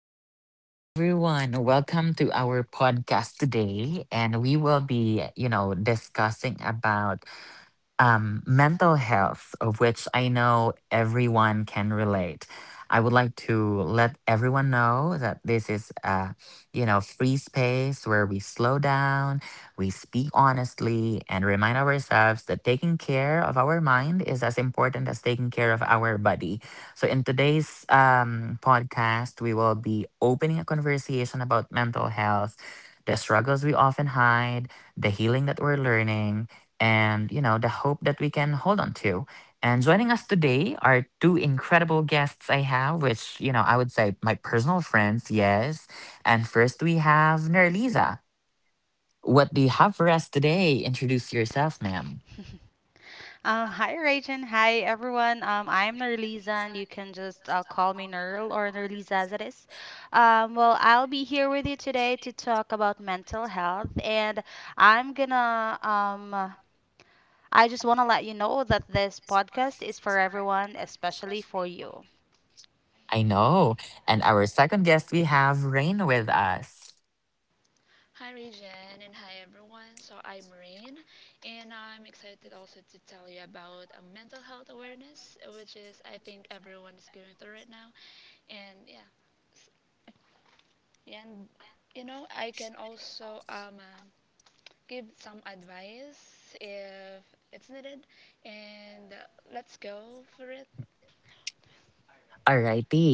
Good morning, everyone. Welcome to our podcast today. And we will be, discussing about mental health, of which I know everyone can relate. I would like to let everyone know that this is a, free space where we slow down, we speak honestly, and remind ourselves that taking care of our mind is as important as taking care of our body. So, in today's podcast, we will be opening a conversation about mental health, the struggles we often hide, the healing that we're learning, and the hope that we can hold on to, and joining us today are two incredible guests I have, which I would say my personal friends. Yes, and first we have Nerliza. What do you have for us today? Introduce yourself, ma'am. Hi, Rachel. Hi, everyone. I'm Nerliza, and you can just call me Nerl or Nerliza as it is. Well, I'll be here with you today to talk about mental health, and I'm gonna um, I just wanna let you know that this podcast is for everyone, especially for you. I know. And our second guest, we have Rain with us. Hi Regen and hi everyone. So I'm Rain and I'm excited also to tell you about a mental health awareness which is I think everyone is going through right now and yeah. s- And I can also give some advice if it's needed and let's go for it. Alrighty.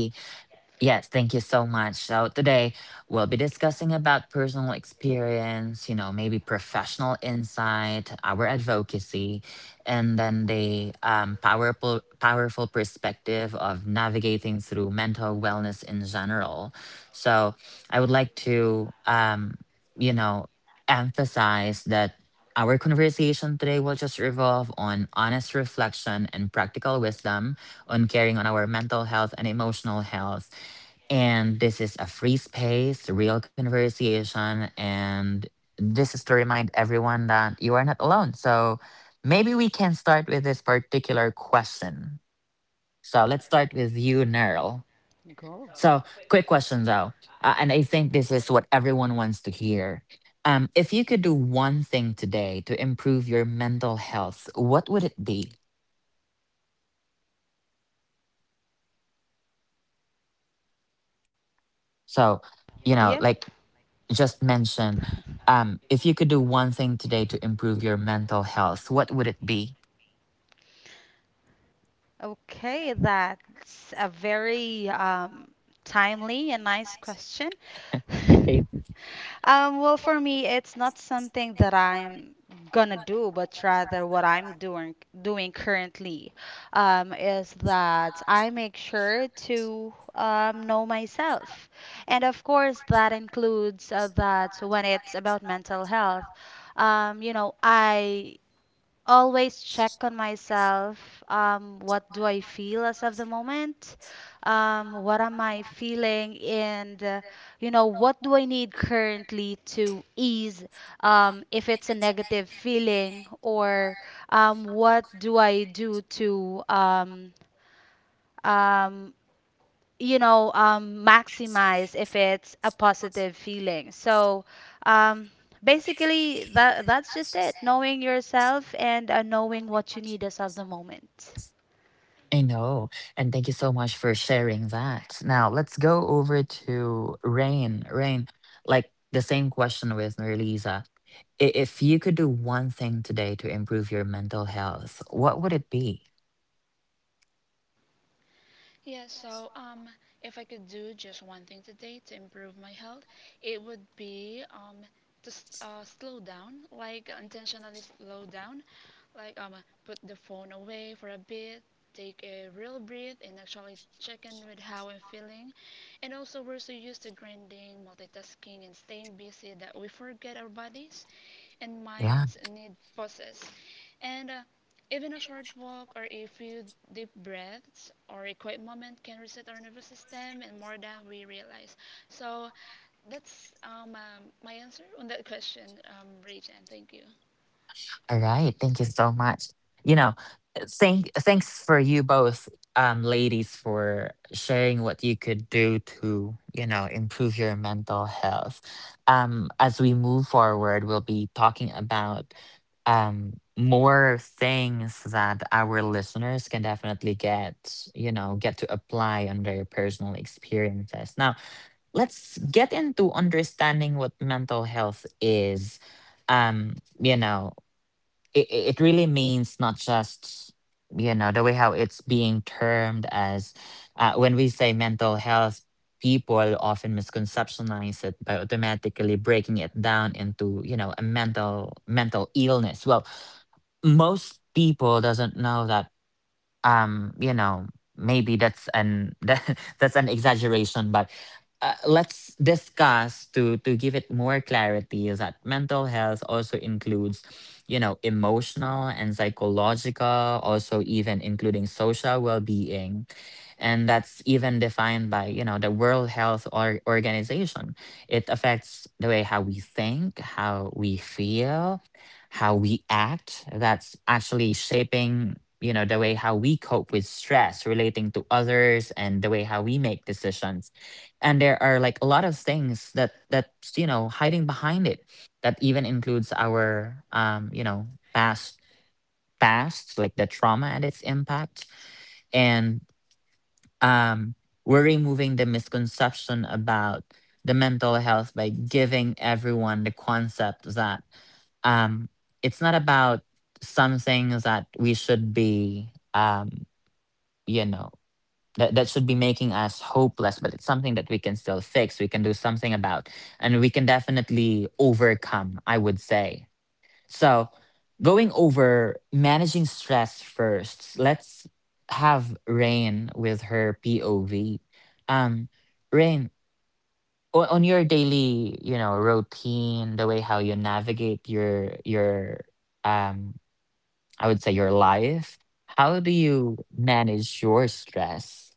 Yes, thank you so much. So today we'll be discussing about personal experience, you know, maybe professional insight, our advocacy, and then the powerful perspective of navigating through mental wellness in general. So I would like to, you know, emphasize that our conversation today will just revolve on honest reflection and practical wisdom on caring on our mental health and emotional health. And this is a free space, real conversation. And this is to remind everyone that you are not alone. So maybe we can start with this particular question. So let's start with you, Nerl. Go. So, quick question though. And I think this is what everyone wants to hear. If you could do one thing today to improve your mental health, what would it be? So, you Yeah. know, like just mentioned, if you could do one thing today to improve your mental health, what would it be? Okay, that's a very timely and nice question. I, well, for me, it's not something that I'm gonna do, but rather what I'm doing currently, is that I make sure to know myself, and of course that includes that when it's about mental health, I always check on myself. What do I feel as of the moment? What am I feeling? And, what do I need currently to ease if it's a negative feeling? Or what do I do to um, maximize if it's a positive feeling. So um, basically that's just it, knowing yourself and knowing what you need as of the moment. I. know. And thank you so much for sharing that. Now let's go over to Rain. Rain, like the same question with Nerlisa. If you could do one thing today to improve your mental health, what would it be? Yeah, so um, if I could do just one thing today to improve my health, it would be to slow down, like intentionally slow down, like put the phone away for a bit, take a real breath, and actually check in with how I'm feeling. And also, we're so used to grinding, multitasking, and staying busy that we forget our bodies and Yeah. minds need pauses. And Even a short walk or a few deep breaths or a quiet moment can reset our nervous system and more than we realize. So that's my answer on that question, Rach, thank you. All right. Thank you so much. You know, thanks for you both, ladies, for sharing what you could do to, you know, improve your mental health. As we move forward, we'll be talking about more things that our listeners can definitely get, you know, get to apply on their personal experiences. Now, let's get into understanding what mental health is. Um, you know, it really means not just, you know, the way how it's being termed as, when we say mental health, people often misconceptionize it by automatically breaking it down into, you know, a mental illness. Well, most people doesn't know that, you know, maybe that's an that's an exaggeration, but let's discuss, to give it more clarity, is that mental health also includes, you know, emotional and psychological, also even including social well-being, and that's even defined by, you know, the world health organization. It affects the way how we think, how we feel, how we act. That's actually shaping, you know, the way how we cope with stress, relating to others, and the way how we make decisions. And there are like a lot of things that that's you know, hiding behind it, that even includes our you know, past, like the trauma and its impact. And um, we're removing the misconception about the mental health by giving everyone the concept that, um, it's not about something that we should be, you know, that should be making us hopeless, but it's something that we can still fix. We can do something about, and we can definitely overcome, I would say. So, going over managing stress first, let's have Rain with her POV. Um, Rain, on your daily, you know, routine, the way how you navigate your um, I would say your life. How do you manage your stress?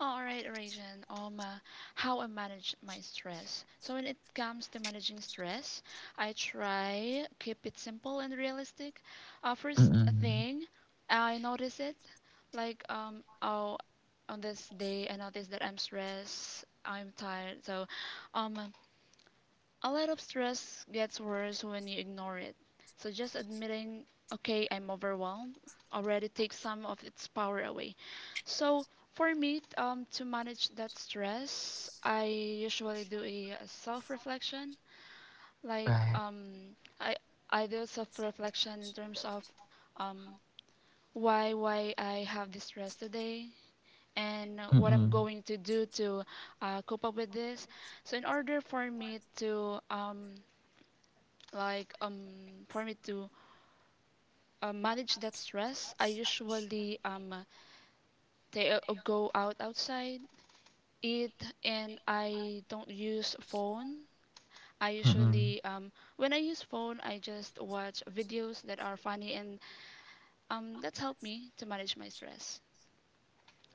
All right, Rajan. How I manage my stress. So when it comes to managing stress, I try keep it simple and realistic. First Mm-mm, thing, I notice it, like oh, on this day I notice that I'm stressed, I'm tired. So, um, a lot of stress gets worse when you ignore it. So just admitting, okay, I'm overwhelmed, already takes some of its power away. So for me, to manage that stress, I usually do a self-reflection. Like right. um, I I do self-reflection in terms of um, why I have this stress today and what I'm Mm-mm, going to do to cope up with this. So in order for me to like um for me to manage that stress, I usually they go out outside, eat, and I don't use phone. I mm-mm. usually When I use phone I just watch videos that are funny, and that's helped me to manage my stress.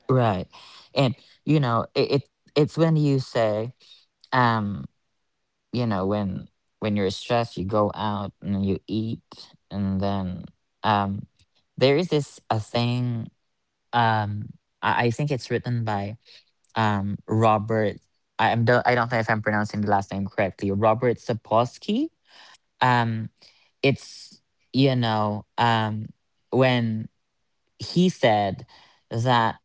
Right. And you know, it's when you say, um you know, when you're stressed you go out and you eat, and then, um there is this a thing, um I think it's written by Robert, I am don't, I don't know if I'm pronouncing the last name correctly, Robert Sapolsky. um it's, you know, when he said that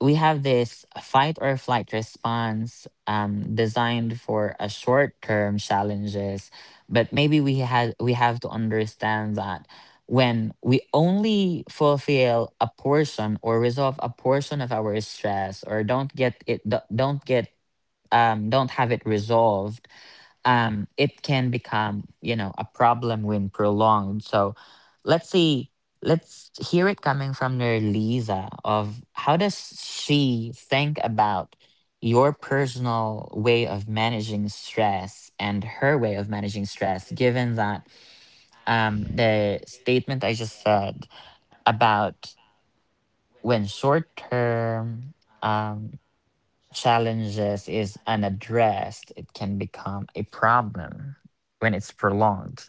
we have this fight or flight response, designed for a short term challenges, but maybe we have to understand that when we only fulfill a portion or resolve a portion of our stress, or don't get it, don't get, don't have it resolved, it can become, you know, a problem when prolonged. So let's see. Let's hear it coming from your, of how does she think about your personal way of managing stress and her way of managing stress, given that the statement I just said about, when short term um, challenges is unaddressed, it can become a problem when it's prolonged.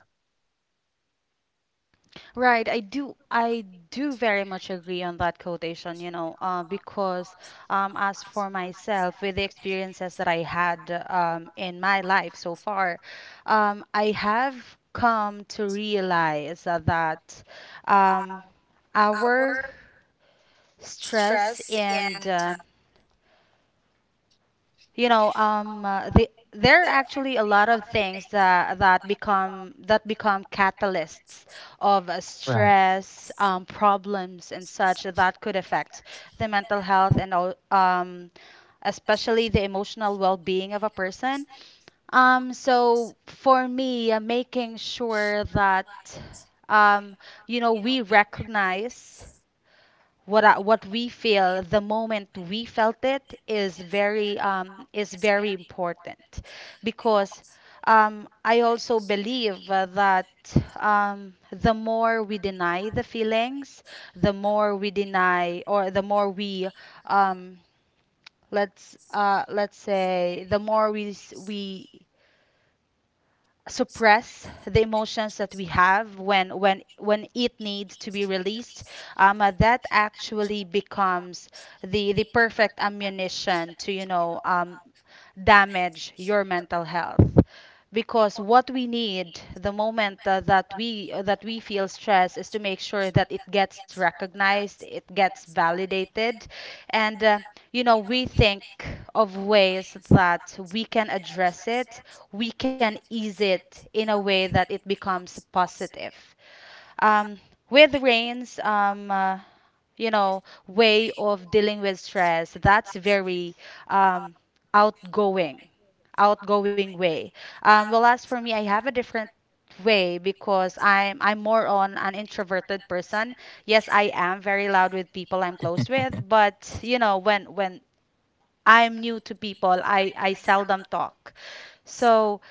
Right, I do very much agree on that quotation, you know, because as for myself with the experiences that I had in my life so far, I have come to realize that um, our stress and there are actually a lot of things that become catalysts of Right. stress, problems and such that could affect the mental health and especially the emotional well-being of a person. So for me Making sure that um we recognize what we feel the moment we felt it is very important because I also believe that the more we deny the feelings, the more we um, let's say the more we s- we suppress the emotions that we have when when it needs to be released, that actually becomes the perfect ammunition to damage your mental health, because what we need the moment that we feel stress is to make sure that it gets recognized, it gets validated, and we think of ways that we can address it, we can ease it in a way that it becomes positive. Um, with Rain's way of dealing with stress, that's very um, outgoing, outgoing way. Well, as for me, I have a different way because I'm more on an introverted person. Yes, I am very loud with people I'm close with, but you know when I'm new to people, I seldom talk. So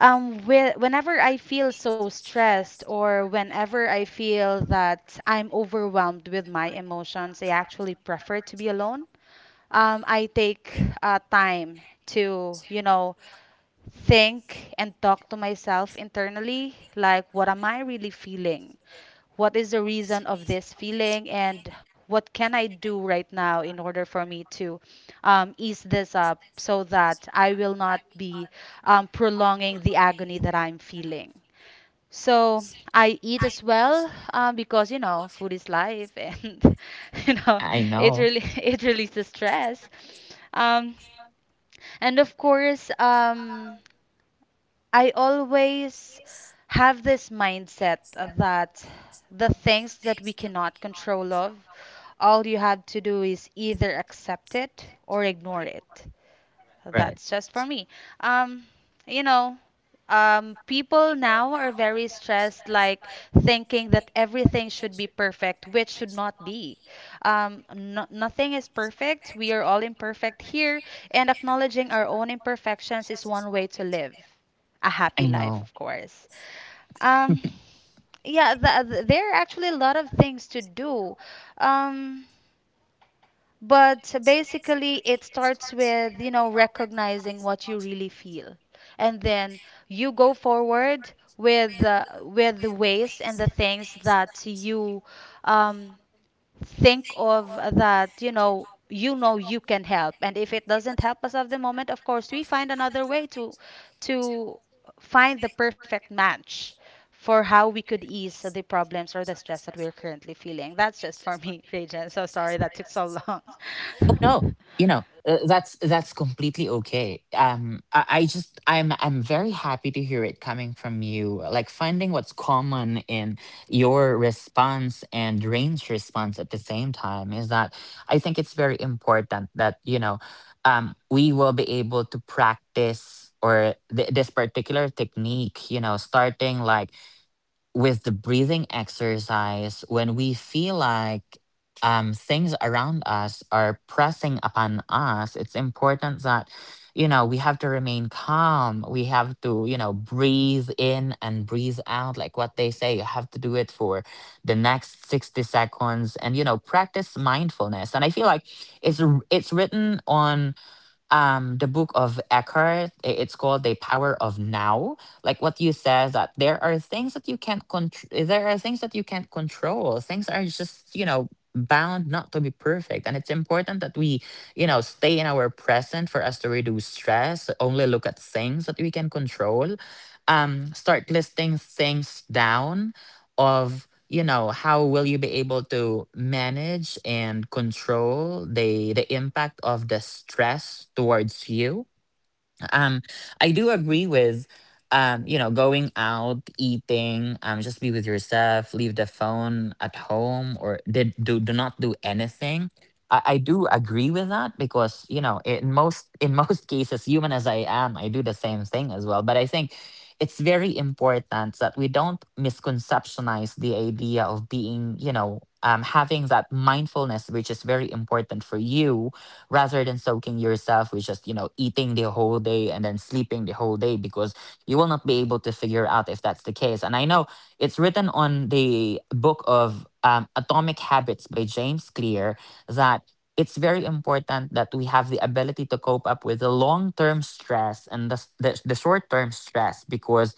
whe- whenever I feel so stressed or whenever I feel that I'm overwhelmed with my emotions, I actually prefer to be alone. I take time to, you know, think and talk to myself internally, like, what am I really feeling? What is the reason of this feeling, and what can I do right now in order for me to ease this up so that I will not be prolonging the agony that I'm feeling? So I eat as well, because you know food is life, and you know I know. it really it releases stress. Um, and of course, I always have this mindset that the things that we cannot control of, all you have to do is either accept it or ignore it. Right. That's just for me. Um, you know, people now are very stressed, like thinking that everything should be perfect, which should not be. No, Nothing is perfect. We are all imperfect here, and acknowledging our own imperfections is one way to live a happy I life, know. of course. Um, yeah, th th there are actually a lot of things to do. Um, but basically, it starts with, you know, recognizing what you really feel. And then you go forward with with the ways and the things that you um, think of that you know you can help. And if it doesn't help us at the moment, of course we find another way to to find the perfect match for how we could ease the problems or the stress that we're currently feeling. That's just for me. Regent, so sorry that took so long. Oh no, you know, that's completely okay. I just, I'm very happy to hear it coming from you. Like finding what's common in your response and Rain's response at the same time is that I think it's very important that, you know, we will be able to practice or this particular technique. You know, starting like with the breathing exercise, when we feel like things around us are pressing upon us, it's important that, you know, we have to remain calm. We have to, you know, breathe in and breathe out. Like what they say, you have to do it for the next 60 seconds and, you know, practice mindfulness. And I feel like it's, it's written on the book of Eckhart, it's called The Power of Now. Like what you said, that there are things that you can't control, there are things that you can't control things are just, you know, bound not to be perfect, and it's important that we, you know, stay in our present for us to reduce stress. Only look at things that we can control. Start listing things down of, you know, how will you be able to manage and control the impact of the stress towards you. um, I do agree with, you know, going out, eating, just be with yourself, leave the phone at home, or did do, not do anything. I do agree with that because, you know, in most in most cases, human as I am, I do the same thing as well. But I think it's very important that we don't misconceptionize the idea of being, you know, having that mindfulness, which is very important for you, rather than soaking yourself with just, you know, eating the whole day and then sleeping the whole day, because you will not be able to figure out if that's the case. And I know it's written on the book of Atomic Habits by James Clear, that it's very important that we have the ability to cope up with the long term stress and the, the short term stress, because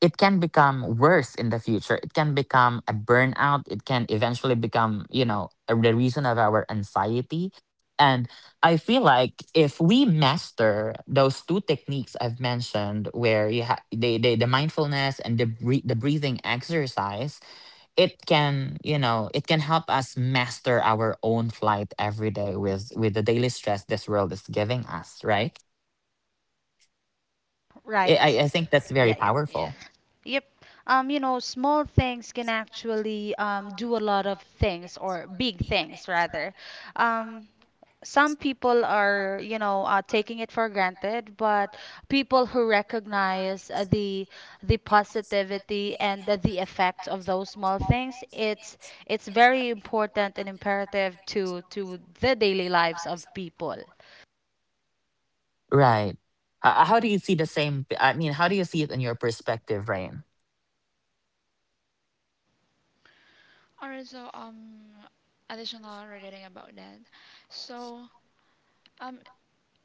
it can become worse in the future. It can become a burnout. It can eventually become, you know, a, the reason of our anxiety. And, I feel like if we master those two techniques I've mentioned, where you have the mindfulness and the the breathing exercise, it can, you know, it can help us master our own flight every day, with the daily stress this world is giving us. Right? I I Right. I think that's very Yeah, yeah, powerful. Yes. yep. You know, small things can actually do a lot of things, or big things rather. Um, some people are, you know, taking it for granted, but people who recognize the positivity and the effect of those small things, it's very important and imperative to the daily lives of people. Right. How do you see the same? I mean, how do you see it in your perspective, Rain? all right so Additional regarding about that. so um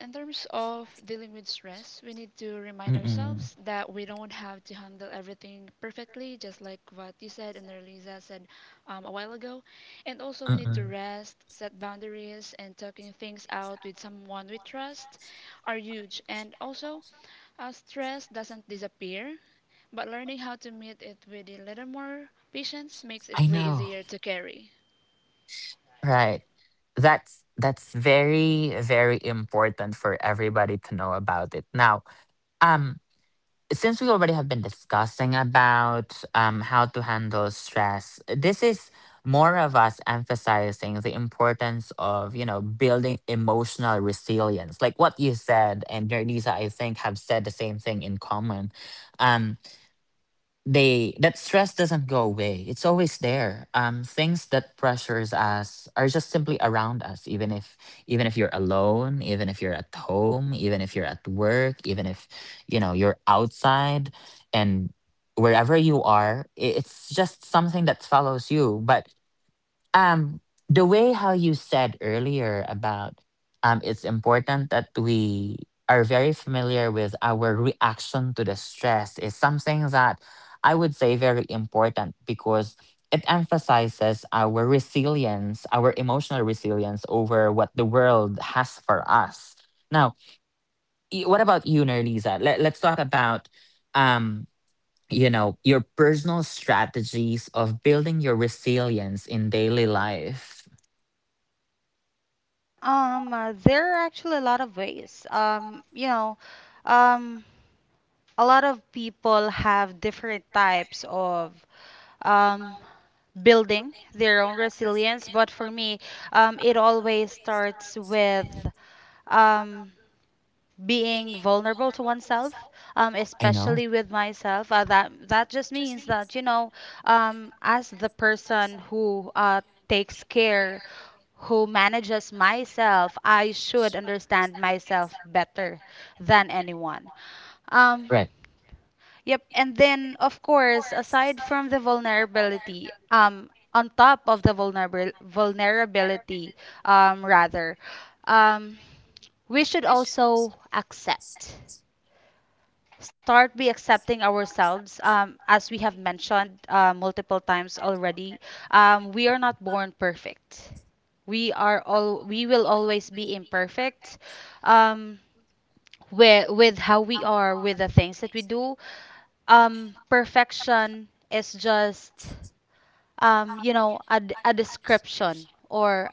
in terms of dealing with stress, we need to remind Mm-mm, ourselves that we don't have to handle everything perfectly, just like what you said and Lisa said a while ago. And also, we need to mm-mm. rest, set boundaries, and talking things out with someone we trust are huge. And also, stress doesn't disappear, but learning how to meet it with a little more patience makes I it way know. easier to carry. Right. That's very, very important for everybody to know about it. Now, um, since we already have been discussing about how to handle stress, this is more of us emphasizing the importance of, you know, building emotional resilience. Like what you said, and Nerdisa, I think, have said the same thing in common. um they, that stress doesn't go away. It's always there. Things that pressures us are just simply around us, even if, you're alone, even if you're at home, even if you're at work, even if, you know, you're outside, and wherever you are, it's just something that follows you. But um, the way how you said earlier about, it's important that we are very familiar with our reaction to the stress is something that I would say very important, because it emphasizes our resilience, our emotional resilience over what the world has for us. Now, what about you, Nerlisa? Let's talk about um, your personal strategies of building your resilience in daily life. There are actually a lot of ways. Um, a lot of people have different types of um, building their own resilience. But for me, it always starts with um, being vulnerable to oneself, I know. especially with myself. That just means that you know, as the person who takes care, who manages myself, I should understand myself better than anyone. Um, Right. yep. And then of course, aside from the vulnerability, on top of the vulnerable vulnerability, rather, um, we should also accept. Start be accepting ourselves. As we have mentioned multiple times already, we are not born perfect. We are all We will always be imperfect. Um, with how we are, with the things that we do, perfection is just a description, or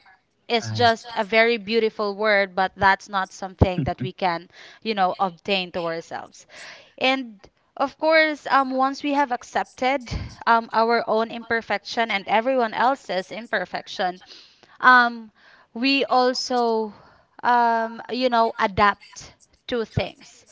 is Right. just a very beautiful word, but that's not something that we can you know obtain to ourselves. And of course, once we have accepted our own imperfection and everyone else's imperfection, um we also adapt to things,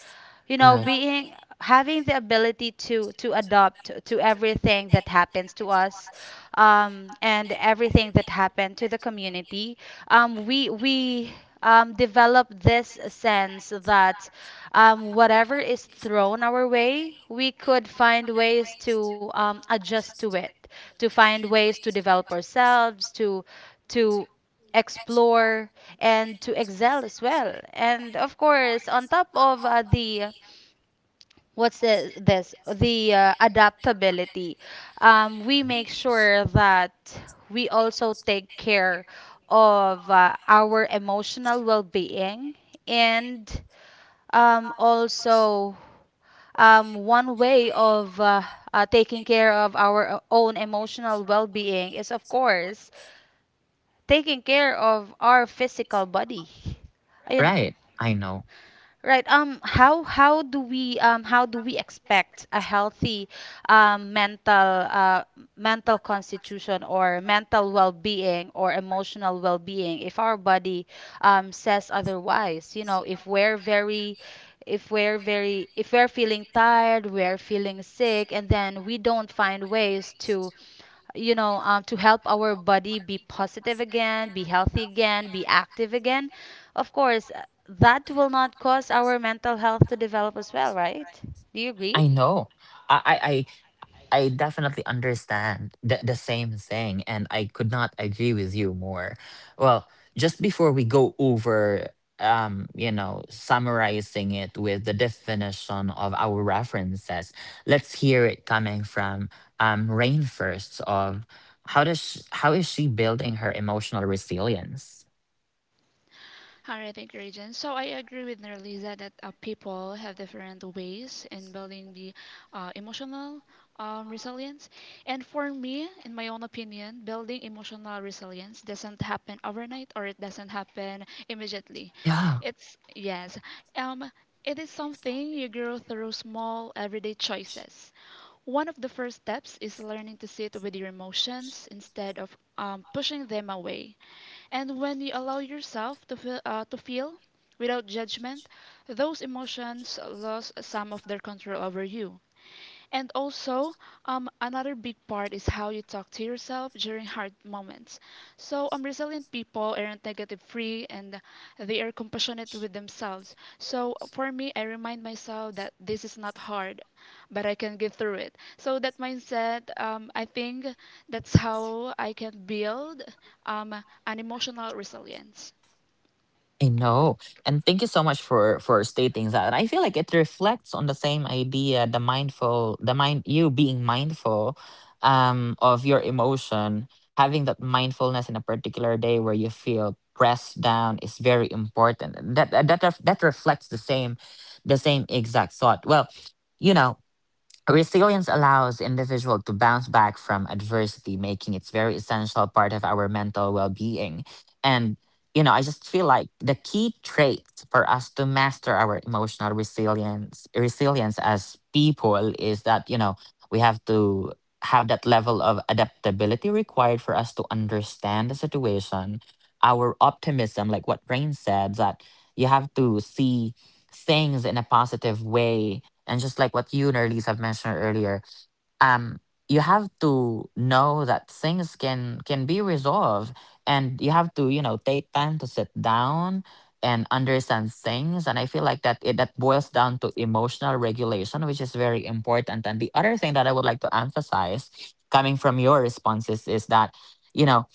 you know, Right. being having the ability to adopt to everything that happens to us, and everything that happened to the community. Um, we develop this sense that whatever is thrown our way, we could find ways to adjust to it, to find ways to develop ourselves, to to explore and to excel as well. And of course, on top of the what's the, this the adaptability, we make sure that we also take care of our emotional well-being, and also one way of taking care of our own emotional well-being is of course taking care of our physical body, ayun. Right. I know. Right. How do we how do we expect a healthy um mental uh mental constitution or mental well-being or emotional well-being if our body says otherwise? You know, if we're very if we're very if we're feeling tired, we're feeling sick, and then we don't find ways to you know, to help our body be positive again, be healthy again, be active again. Of course, that will not cause our mental health to develop as well, right? Do you agree? I know. I I I I definitely understand the same thing, and I could not agree with you more. Well, just before we go over summarizing it with the definition of our references, let's hear it coming from Rain first of how does sh how is she building her emotional resilience? All right, thank you, Regent. So I agree with Nerliza that people have different ways in building the emotional resilience. And for me, in my own opinion, building emotional resilience doesn't happen overnight or it doesn't happen immediately. It's, yes, um, it is something you grow through small everyday choices. One of the first steps is learning to sit with your emotions instead of pushing them away. And when you allow yourself to feel, to feel without judgment, those emotions lose some of their control over you. And also, another big part is how you talk to yourself during hard moments. So, resilient people aren't negative free and they are compassionate with themselves. So, for me, I remind myself that this is not hard, but I can get through it. So, that mindset, I think that's how I can build um, an emotional resilience. I know. And thank you so much for stating that. And I feel like it reflects on the same idea, the mindful, the mind you being mindful of your emotion, having that mindfulness in a particular day where you feel pressed down is very important. And that reflects the same exact thought. Well, you know, resilience allows individual to bounce back from adversity, making it very essential part of our mental well-being. And I just feel like the key traits for us to master our emotional resilience as people is that, we have to have that level of adaptability required for us to understand the situation. Our optimism, like what Rain said, that you have to see things in a positive way, and just like what you and Elise have mentioned earlier, um, you have to know that things can be resolved, and you have to take time to sit down and understand things. And I feel like that boils down to emotional regulation, which is very important. And the other thing that I would like to emphasize, coming from your responses, is that you know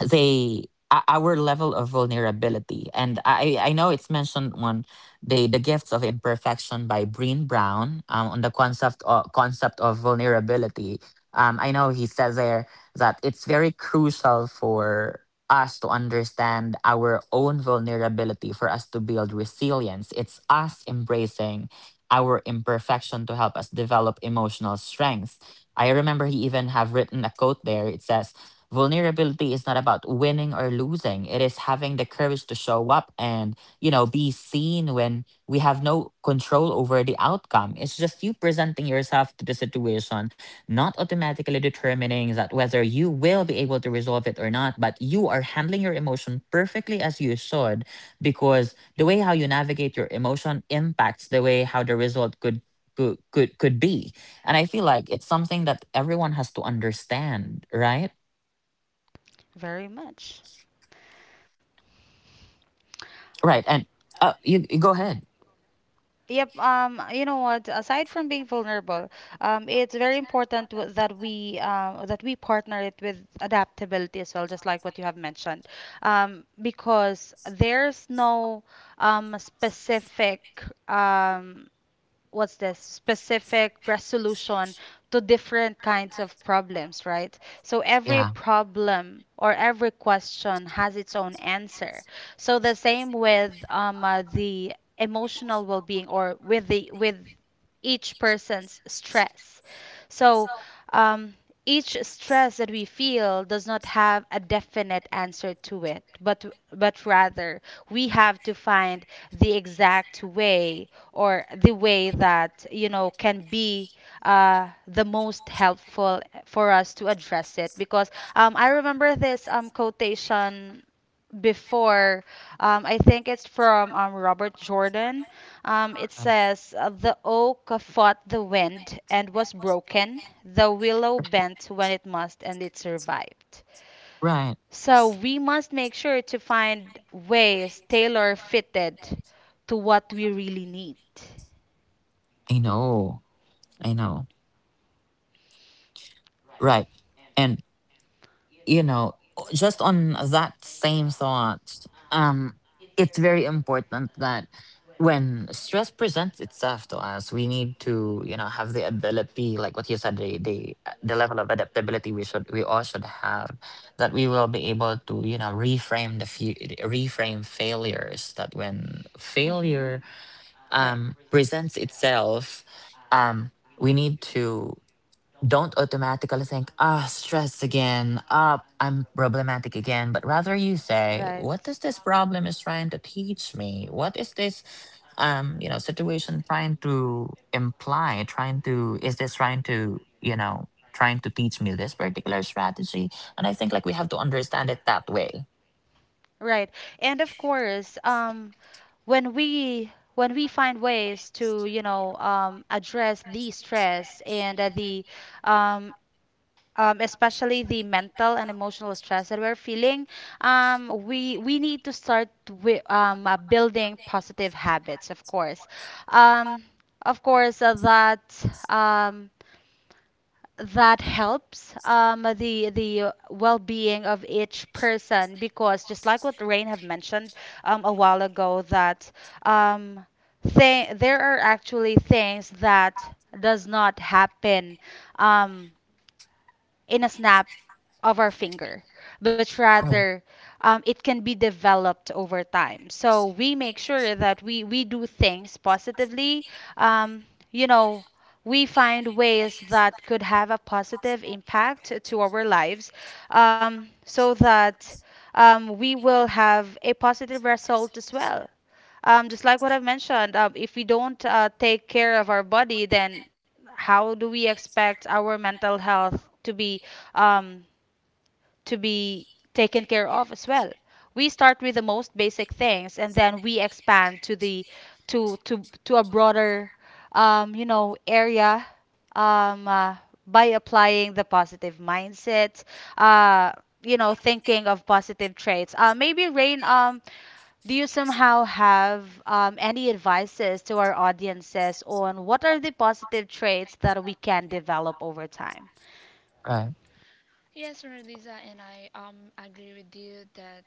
our level of vulnerability, and I know it's mentioned on The Gifts of Imperfection by Breen Brown, on the concept of vulnerability. I know he says there that it's very crucial for us to understand our own vulnerability for us to build resilience. It's us embracing our imperfection to help us develop emotional strength. I remember he even have written a quote there. It says, "Vulnerability is not about winning or losing. It is having the courage to show up and be seen when we have no control over the outcome." It's just you presenting yourself to the situation, not automatically determining that whether you will be able to resolve it or not, but you are handling your emotion perfectly as you should, because the way how you navigate your emotion impacts the way how the result could be. And I feel like it's something that everyone has to understand, right? Very much. Right. And you go ahead. Yep. You know what? Aside from being vulnerable, it's very important that we partner it with adaptability as well, just like what you have mentioned, because there's no specific um, what's this specific resolution to different kinds of problems, right? So every Yeah. problem or every question has its own answer. So the same with the emotional well-being, or with the with each person's stress. So um, each stress that we feel does not have a definite answer to it, but rather we have to find the exact way, or the way that you know can be the most helpful for us to address it, because I remember this quotation before. I think it's from Robert Jordan. It Right. says, the oak fought the wind and was broken, the willow bent when it must and it survived. Right. So we must make sure to find ways tailor fitted to what we really need. I know. I know. Right. And you know, just on that same thought, um, it's very important that when stress presents itself to us, we need to, have the ability, like what you said, the level of adaptability we all should have, that we will be able to, reframe failures. That when hmm failure Right, presents itself, um, we need to don't automatically think, ah, stress again, ah, I'm problematic again, but rather you say, right, what does this problem is trying to teach me? What is this situation trying to imply, trying to is this trying to, you know, trying to teach me this particular strategy? And I think like we have to understand it that way. right. And of course, when we find ways to you know address the stress and the um, especially the mental and emotional stress that we're feeling, we need to start with building positive habits, of course. Um, of course, that that helps the well-being of each person, because just like what Rain have mentioned a while ago, that um, th there are actually things that does not happen um, in a snap of our finger, but Right. rather it can be developed over time. So we make sure that we do things positively. Um, you know, we find ways that could have a positive impact to our lives, so that we will have a positive result as well. Just like what I've mentioned, if we don't take care of our body, then how do we expect our mental health to be, um, to be taken care of as well. We start with the most basic things, and then we expand to the to a broader, area, um, uh, by applying the positive mindset. Uh, thinking of positive traits. Maybe Rain, do you somehow have any advices to our audiences on what are the positive traits that we can develop over time? Right. Yes, Mona Lisa, and I agree with you that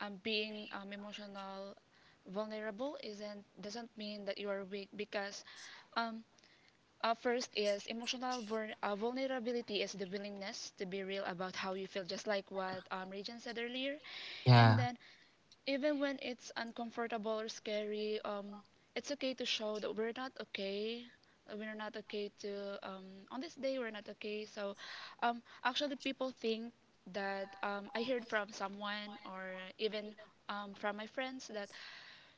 being emotional vulnerable isn't doesn't mean that you are weak because um first is emotional vulnerability is the willingness to be real about how you feel, just like what Regan said earlier. And Yeah. then even when it's uncomfortable or scary, it's okay to show that we're not okay. We're not okay to on this day. We're not okay. So, actually, people think that I heard from someone or even from my friends that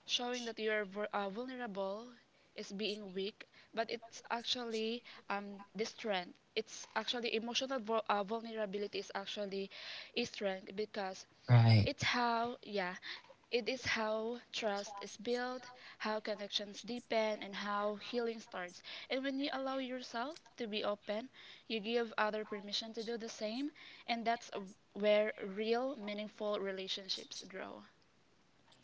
showing that you're vulnerable is being weak, but it's actually the strength. It's actually emotional vulnerability is actually a strength because Right. it's how, yeah, it is how trust is built, how connections deepen, and how healing starts. And when you allow yourself to be open, you give other permission to do the same, and that's where real, meaningful relationships grow.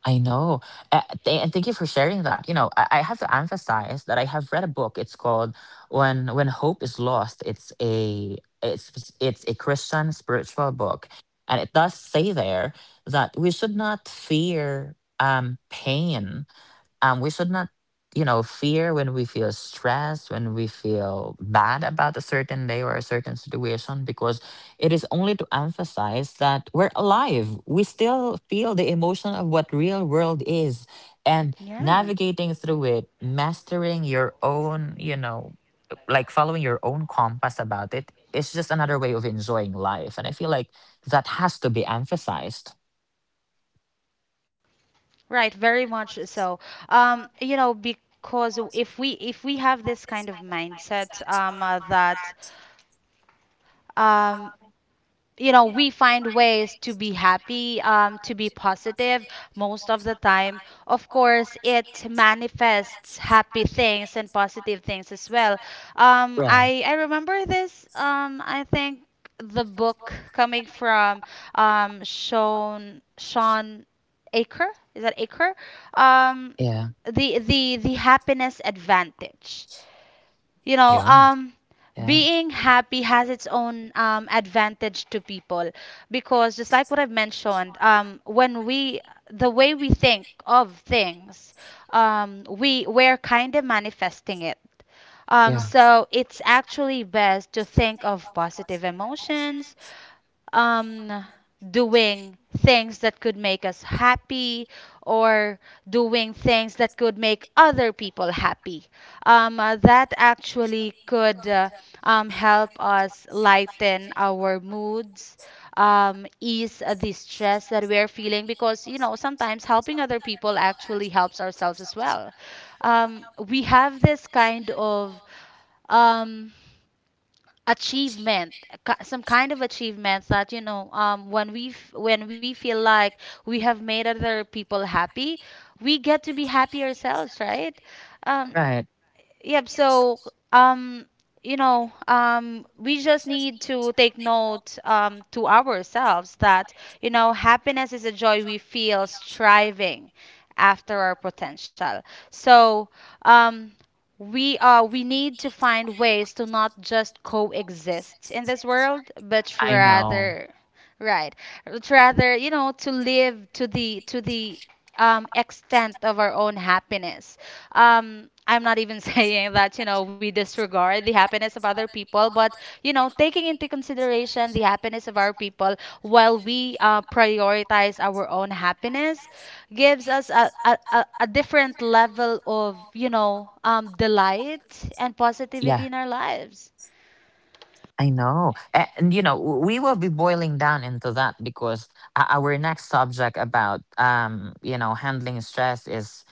I know. And thank you for sharing that. I have to emphasize that I have read a book. It's called When Hope Is Lost. It's a Christian spiritual book. And it does say there that we should not fear pain. We should not fear when we feel stressed, when we feel bad about a certain day or a certain situation, because it is only to emphasize that we're alive. We still feel the emotion of what real world is, and Yeah. navigating through it, mastering your own, like following your own compass about it, it's just another way of enjoying life. And I feel like that has to be emphasized. Right, very much so. Because if we have this kind of mindset, that um, you know we find ways to be happy, to be positive most of the time. Of course, it manifests happy things and positive things as well. um, Right. I, I remember this. I think the book coming from, Sean aker, is that aker? um, Yeah. the the the happiness advantage, you know Yeah. um Yeah. being happy has its own advantage to people, because just like what I've mentioned, when we, the way we think of things, we're kind of manifesting it. Yeah. So it's actually best to think of positive emotions, um, doing things that could make us happy, or doing things that could make other people happy. That actually could, help us lighten our moods, ease the stress that we're feeling, because, you know, sometimes helping other people actually helps ourselves as well. We have this kind of, um, achievement, some kind of achievements, that, you know, when we when we feel like we have made other people happy, we get to be happy ourselves, right? um, Right. Yep. So, um we just need to take note, to ourselves, that, you know, happiness is a joy we feel striving after our potential. So, um we need to find ways to not just coexist in this world, but I know. rather, right, but rather, you know, to live to the, extent of our own happiness. I'm not even saying that, you know, we disregard the happiness of other people, but, you know, taking into consideration the happiness of our people while we prioritize our own happiness gives us a different level of, you know, delight and Yeah, positivity in our lives. I know. And, we will be boiling down into that, because our next subject about handling stress is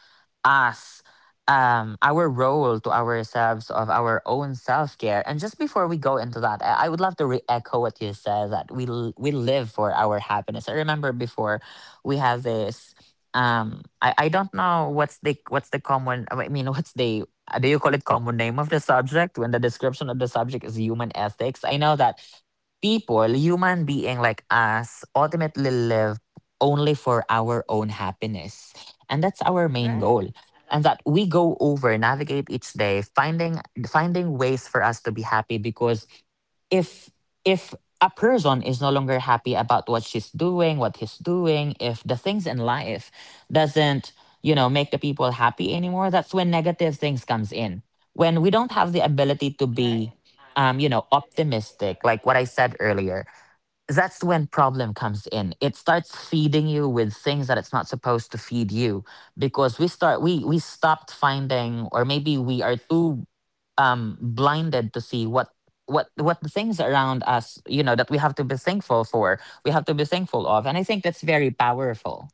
us our role to ourselves of our own self-care. And just before we go into that, I would love to re-echo what you said, that we live for our happiness. I remember before, we have this, I don't know what's the common, I mean, what's the do you call it, common name of the subject when the description of the subject is human ethics. I know that people, human being like us, ultimately live only for our own happiness. And that's our main Right, goal, and that we go over navigate each day, finding ways for us to be happy. Because if if a person is no longer happy about what she's doing, what he's doing, if the things in life doesn't make the people happy anymore, that's when negative things comes in. When we don't have the ability to be right. Optimistic, like what I said earlier, that's when problem comes in. It starts feeding you with things that it's not supposed to feed you, because we start we stopped finding, or maybe we are too blinded to see what the things around us, that we have to be thankful for, we have to be thankful of. And I think that's very powerful.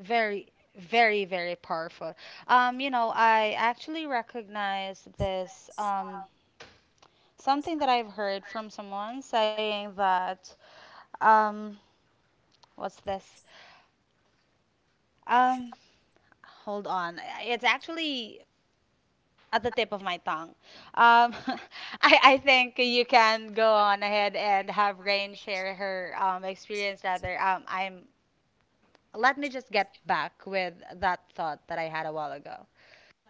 Very, very, very powerful. I actually recognize this. Something that I've heard from someone saying that, um what's this? Um Hold on. It's actually at the tip of my tongue. Um I think you can go on ahead and have Rain share her, experience, rather. I'm — let me just get back with that thought that I had a while ago.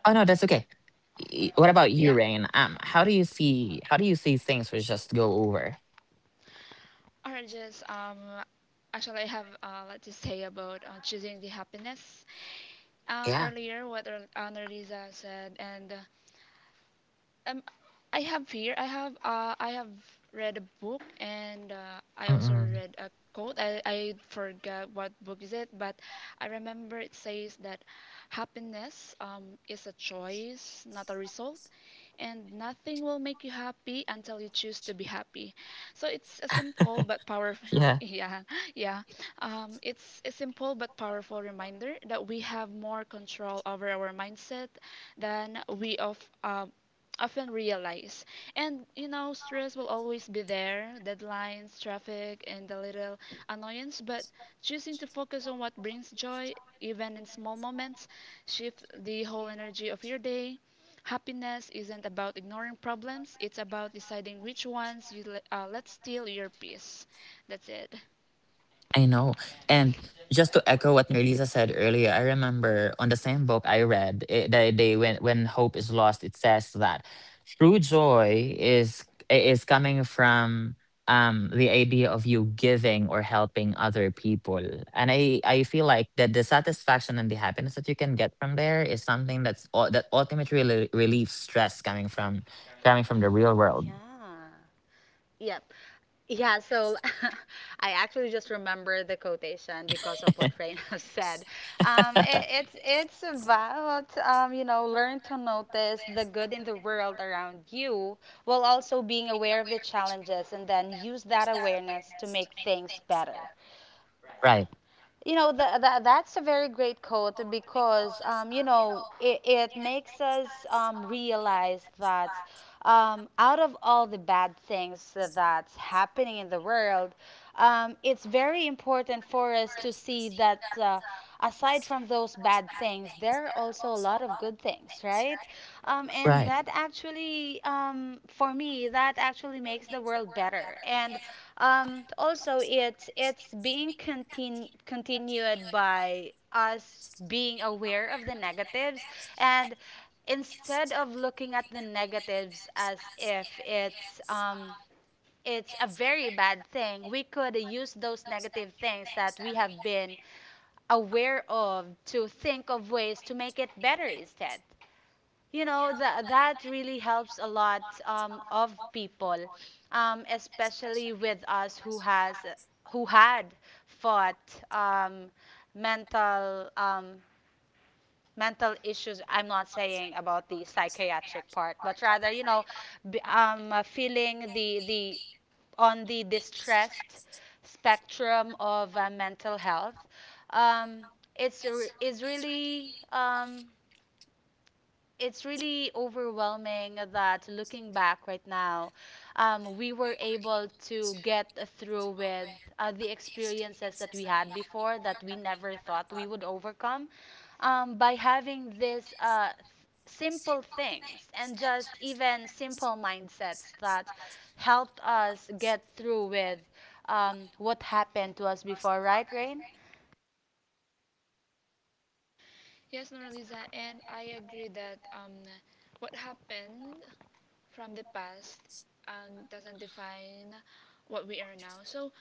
Oh no, that's okay. What about you, Yeah, Rain? How do you see things, which just go over? or just actually, I have a lot to say about choosing the happiness. Yeah. Earlier, what Ana Lisa said, and um I have fear. I have read a book, and I also Mm-mm. read a quote. I forgot what book is it, but I remember it says that happiness is a choice, not a result, and nothing will make you happy until you choose to be happy. So it's a simple but powerful Yeah. yeah, yeah. It's a simple but powerful reminder that we have more control over our mindset than we of often realize. And you know, stress will always be there: deadlines, traffic, and the little annoyance. But choosing to focus on what brings joy, even in small moments, shift the whole energy of your day. Happiness isn't about ignoring problems, it's about deciding which ones you let, let steal your peace. That's it. I know. And just to echo what Nerlisa said earlier, I remember on the same book I read, it, they when Hope Is Lost, it says that true joy is coming from the idea of you giving or helping other people. And I feel like that the satisfaction and the happiness that you can get from there is something that ultimately relieves stress coming from the real world. Yeah. Yep. Yeah, so I actually just remember the quotation because of what Rain has said. Um, it, it's it's about, learn to notice the good in the world around you, while also being aware of the challenges, and then use that awareness to make things better. Right. You know, that's a very great quote, because, it makes us, realize that, out of all the bad things that's happening in the world, it's very important for us to see that, aside from those bad things, there are also a lot of good things, right? And Right. that actually, for me, that actually makes the world better. And, also, it's being continued by us being aware of the negatives, and instead of looking at the negatives as if it's, it's a very bad thing, we could use those negative things that we have been aware of to think of ways to make it better instead. You know, that that really helps a lot, of people, especially with us, who has, who had fought, um, mental, mental issues. I'm not saying about the psychiatric part, but rather, you know, feeling the on the distressed spectrum of mental health. Um, it's re- is really um, it's really overwhelming, that looking back right now, we were able to get through with the experiences that we had before, that we never thought we would overcome, by having this, simple things, and just even simple mindsets that helped us get through with, what happened to us before, right, Rain? Yes, Noraliza, and I agree that what happened from the past and doesn't define what we are now. So,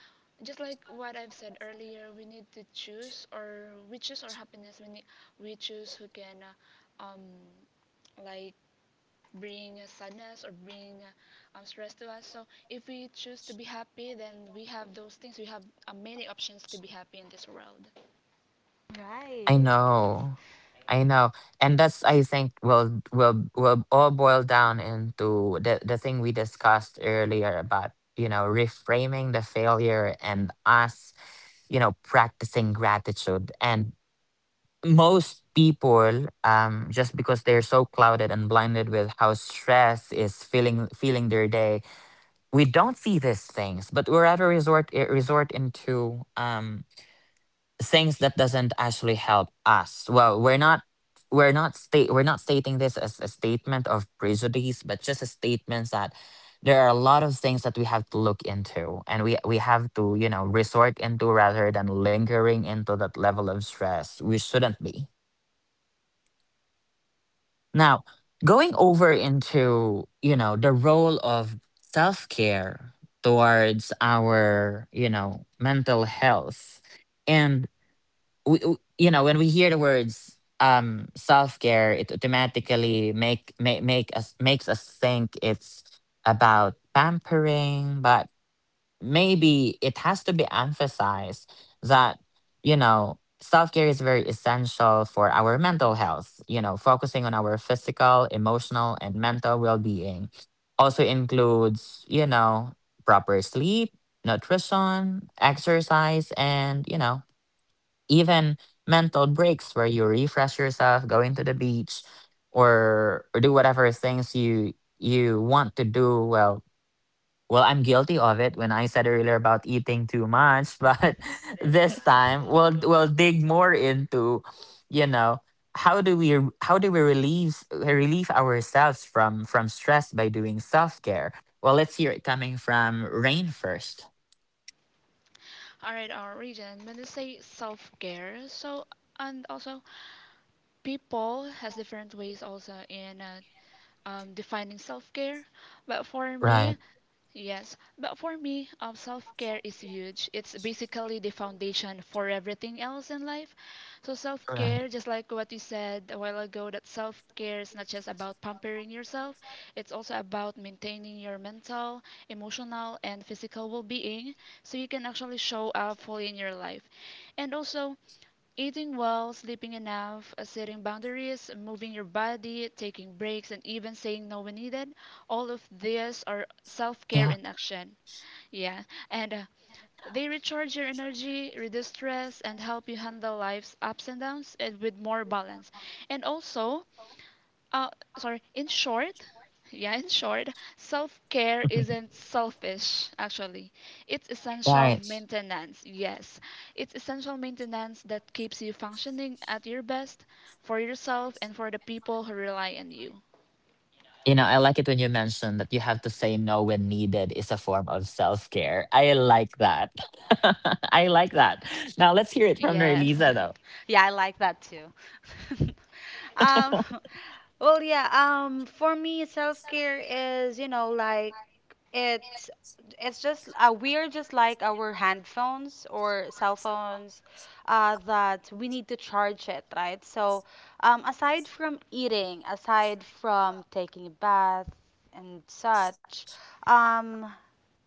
just like what I've said earlier, we need to choose, or we choose our happiness. We need, we choose who can, uh, um, like bring sadness or bring stress to us. So, if we choose to be happy, then we have those things. We have many options to be happy in this world. Right. I know. I know. And that's, I think, will all boil down into the thing we discussed earlier about, reframing the failure, and us, practicing gratitude. And most people, just because they're so clouded and blinded with how stress is feeling their day, we don't see these things, but we rather resort into things that doesn't actually help us. Well, we're not stating this as a statement of prejudice, but just a statement that there are a lot of things that we have to look into, and we have to resort into, rather than lingering into that level of stress we shouldn't be. Now going over into, the role of self-care towards our, mental health, and. We, w- you know When we hear the words self-care, it automatically makes us think it's about pampering. But maybe it has to be emphasized that, self-care is very essential for our mental health. Focusing on our physical, emotional, and mental well-being also includes, proper sleep, nutrition, exercise, and, even mental breaks, where you refresh yourself, going to the beach, or do whatever things you want to do. Well, I'm guilty of it when I said earlier about eating too much, but this time we'll dig more into, you know, how do we relieve ourselves from stress by doing self care? Well, let's hear it coming from Rain first. All right, our region. When they say self care, so and also people has different ways also in defining self care. But for Right, me, yes, but for me, self care is huge. It's basically the foundation for everything else in life. So, self right, care, just like what you said a while ago, that self care is not just about pampering yourself, it's also about maintaining your mental, emotional, and physical well being so you can actually show up fully in your life. And also, eating well, sleeping enough, setting boundaries, moving your body, taking breaks, and even saying no when needed, all of these are self yeah, care in action. Yeah, and They recharge your energy, reduce stress, and help you handle life's ups and downs and with more balance. And also, uh, sorry, in short, yeah, in short, self care isn't selfish, actually. It's essential right. maintenance, yes. It's essential maintenance that keeps you functioning at your best for yourself and for the people who rely on you. I like it when you mentioned that you have to say no when needed is a form of self care. I like that. I like that. Now let's hear it from Yes. Elisa, Yeah, I like that too. um, though. Yeah. For me, self care is, you know, like, it's it's just we're just like our handphones or cell phones, that we need to charge it, right? So, aside from eating, aside from taking a bath and such, um,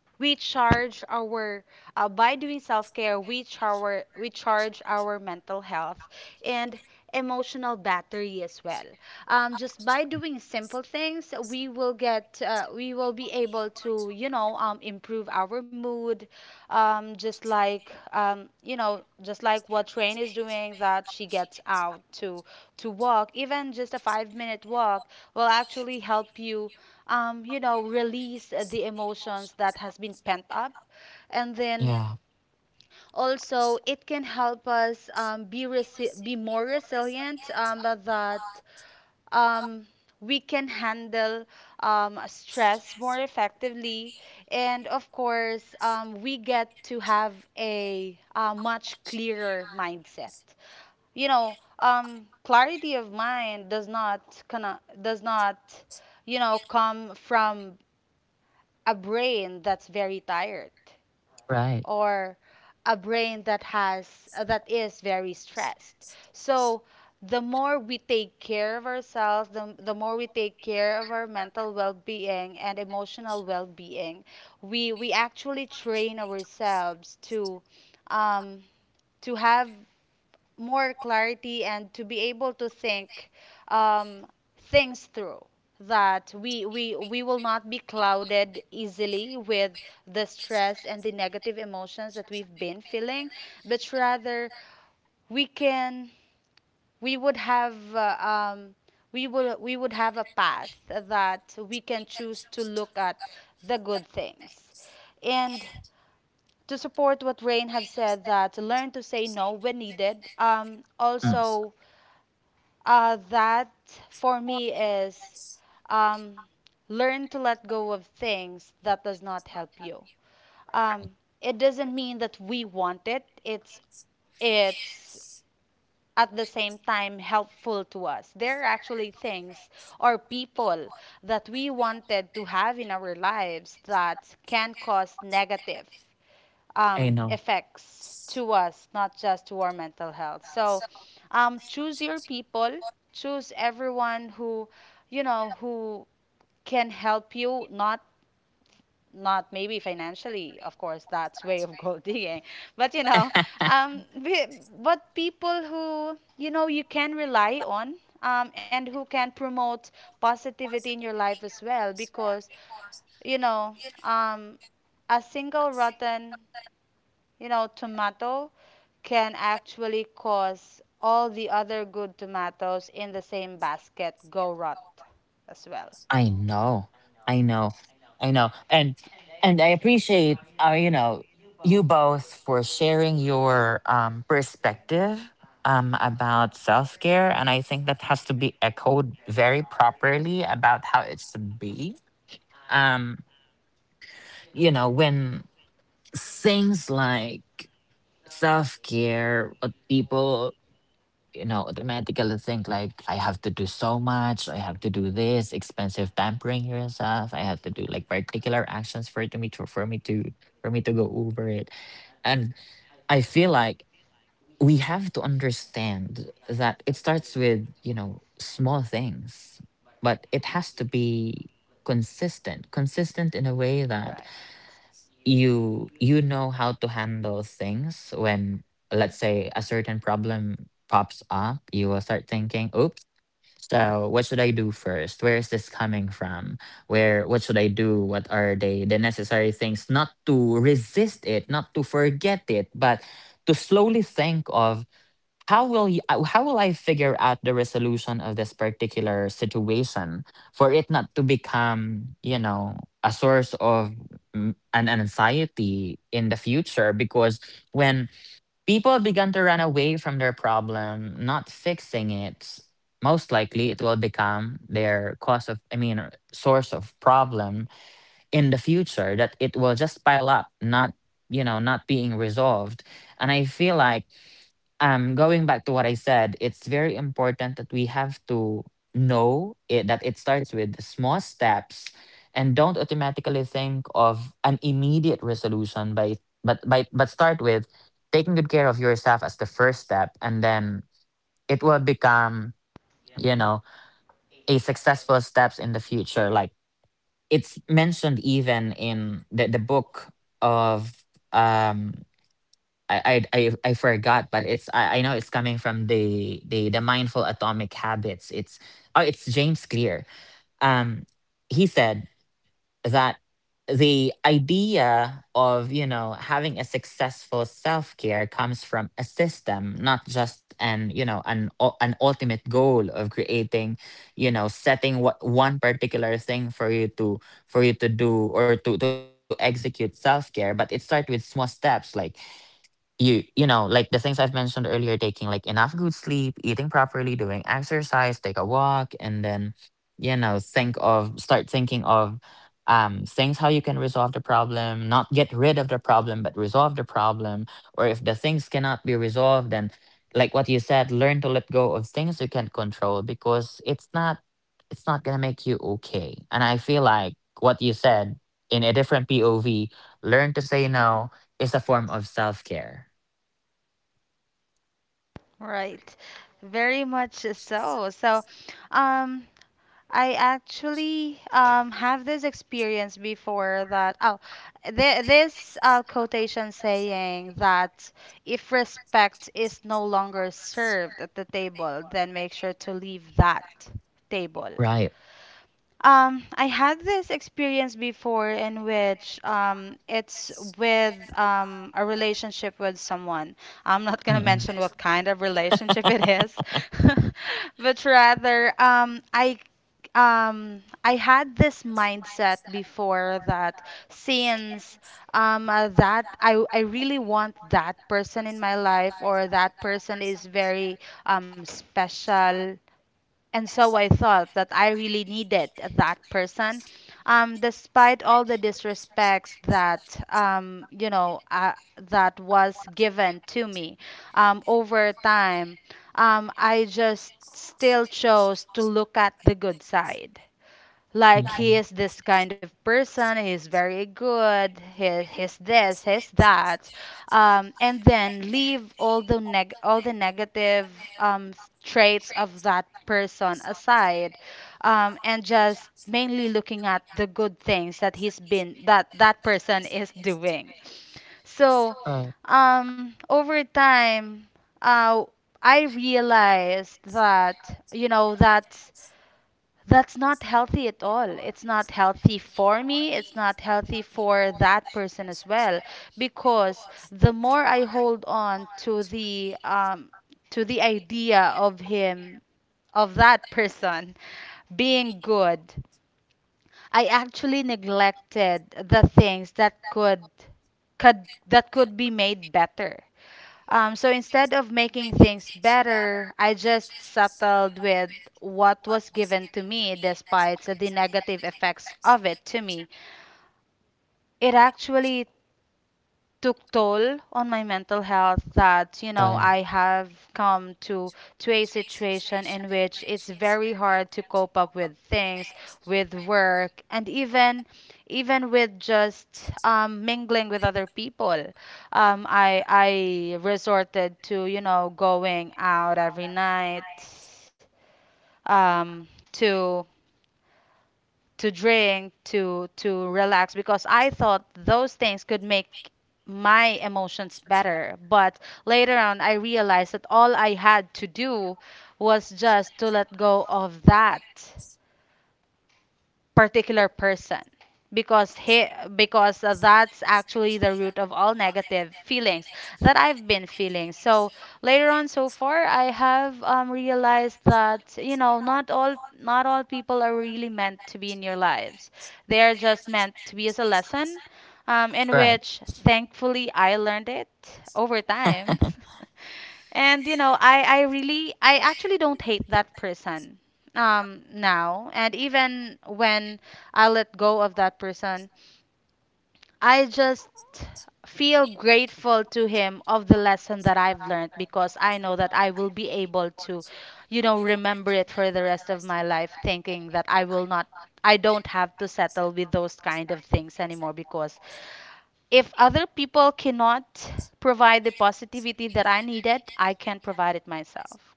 we charge our, by doing self-care, we charge our mental health and emotional battery as well, just by doing simple things, we will get we will be able to, you know, improve our mood, just like, just like what Rain is doing, that she gets out to walk, even just a 5-minute walk will actually help you, you know, release the emotions that has been pent up. And then Yeah, also, it can help us, be more resilient, but that, um, we can handle, stress more effectively. And of course, we get to have a, much clearer mindset. You know, clarity of mind does not, does not, you know, come from a brain that's very tired, right. or a brain that has that is very stressed. So the more we take care of ourselves, the more we take care of our mental well-being and emotional well-being, we actually train ourselves to, um to have more clarity, and to be able to think, um, things through, that we will not be clouded easily with the stress and the negative emotions that we've been feeling, but rather we can, we would have, um, we would have a path that we can choose to look at the good things, and to support what Rain have said, that learn to say no when needed. Mm. Also, that for me is, um, learn to let go of things that does not help you. Um, Right. it doesn't mean that we want it. It's at the same time helpful to us. There are actually things or people that we wanted to have in our lives that can cause negative, I know. effects to us, not just to our mental health. So, choose your people, choose everyone who, you know, who can help you, not not maybe financially, of course, that's way of gold digging, but, you know, um, be- but people who, you know, you can rely on. And who can promote positivity in your life as well, because, you know, um, a single rotten, you know, tomato, can actually cause all the other good tomatoes in the same basket go rot as well. I know. I know. I know. And I appreciate you both for sharing your perspective about self-care, and I think that has to be echoed very properly about how it should be. Um when things like self-care, what people, automatically think, like I have to do so much, I have to do this, expensive pampering yourself, I have to do like particular actions for me to go over it. And I feel like we have to understand that it starts with, you know, small things, but it has to be consistent, consistent in a way that Right. you know how to handle things when, let's say, a certain problem pops up. You will start thinking, oops, so what should I do first? Where is this coming from? Where what should I do? What are they the necessary things, not to resist it, not to forget it, but to slowly think of how will you, how will I figure out the resolution of this particular situation for it not to become, you know, a source of an anxiety in the future? Because when people begin to run away from their problem, not fixing it, most likely it will become their cause of, source of problem in the future, that it will just pile up, not, you know, not being resolved. And I feel like, going back to what I said, it's very important that we have to know it, that it starts with the small steps, and don't automatically think of an immediate resolution by but start with taking good care of yourself as the first step, and then it will become, you know, a successful steps in the future. Like, it's mentioned even in the book of um I, I I forgot, but it's, I know it's coming from the the mindful atomic habits. It's, oh, it's James Clear. Um he said that the idea of, you know, having a successful self-care comes from a system, not just an, you know, an an ultimate goal of creating, you know, setting what one particular thing for you to do or to execute self-care, but it starts with small steps. Like, you know, like the things I've mentioned earlier, taking like enough good sleep, eating properly, doing exercise, take a walk, and then, you know, think of start thinking of things how you can resolve the problem, not get rid of the problem, but resolve the problem. Or if the things cannot be resolved, then, like what you said, learn to let go of things you can control, because it's not, it's not going to make you okay. And I feel like what you said in a different POV, learn to say no is a form of self care, Right. Very much so. So, um, I actually, have this experience before that. Oh, th this quotation saying that, if respect is no longer served at the table, then make sure to leave that table. right? I had this experience before, in which, it's with, a relationship with someone. I'm not gonna Mm-mm. mention what kind of relationship it is, but rather, I had this mindset before, that since, that I really want that person in my life, or that person is very, special, and so I thought that I really needed that person. Despite all the disrespects that, that was given to me, over time, I just still chose to look at the good side. Like, he Mm-mm. is this kind of person, he's very good, he, he's this, he's that, and then leave all the neg, all the negative, um, traits of that person aside, and just mainly looking at the good things that he's been, that that person is doing. So, Right. Over time, uh, I realized that, you know, that's not healthy at all. It's not healthy for me. It's not healthy for that person as well. Because the more I hold on to the, to the idea of him, of that person being good, I actually neglected the things that could, that could be made better. So instead of making things better, I just settled with what was given to me, despite the negative effects of it to me. It actually took toll on my mental health that Right. I have come to a situation in which it's very hard to cope up with things with work, and even with just mingling with other people. I resorted to going out every night, um, to to drink, to relax, because I thought those things could make my emotions better. But later on I realized that all I had to do was just to let go of that particular person, because he because that's actually the root of all negative feelings that I've been feeling. So later on, so far, I have realized that, not all people are really meant to be in your lives. They are just meant to be as a lesson, in Right. which, thankfully, I learned it over time. And I actually don't hate that person now, and even when I let go of that person, I just feel grateful to him of the lesson that I've learned, because I know that I will be able to, remember it for the rest of my life, thinking that I will not, I don't have to settle with those kind of things anymore, because if other people cannot provide the positivity that I needed, I can provide it myself,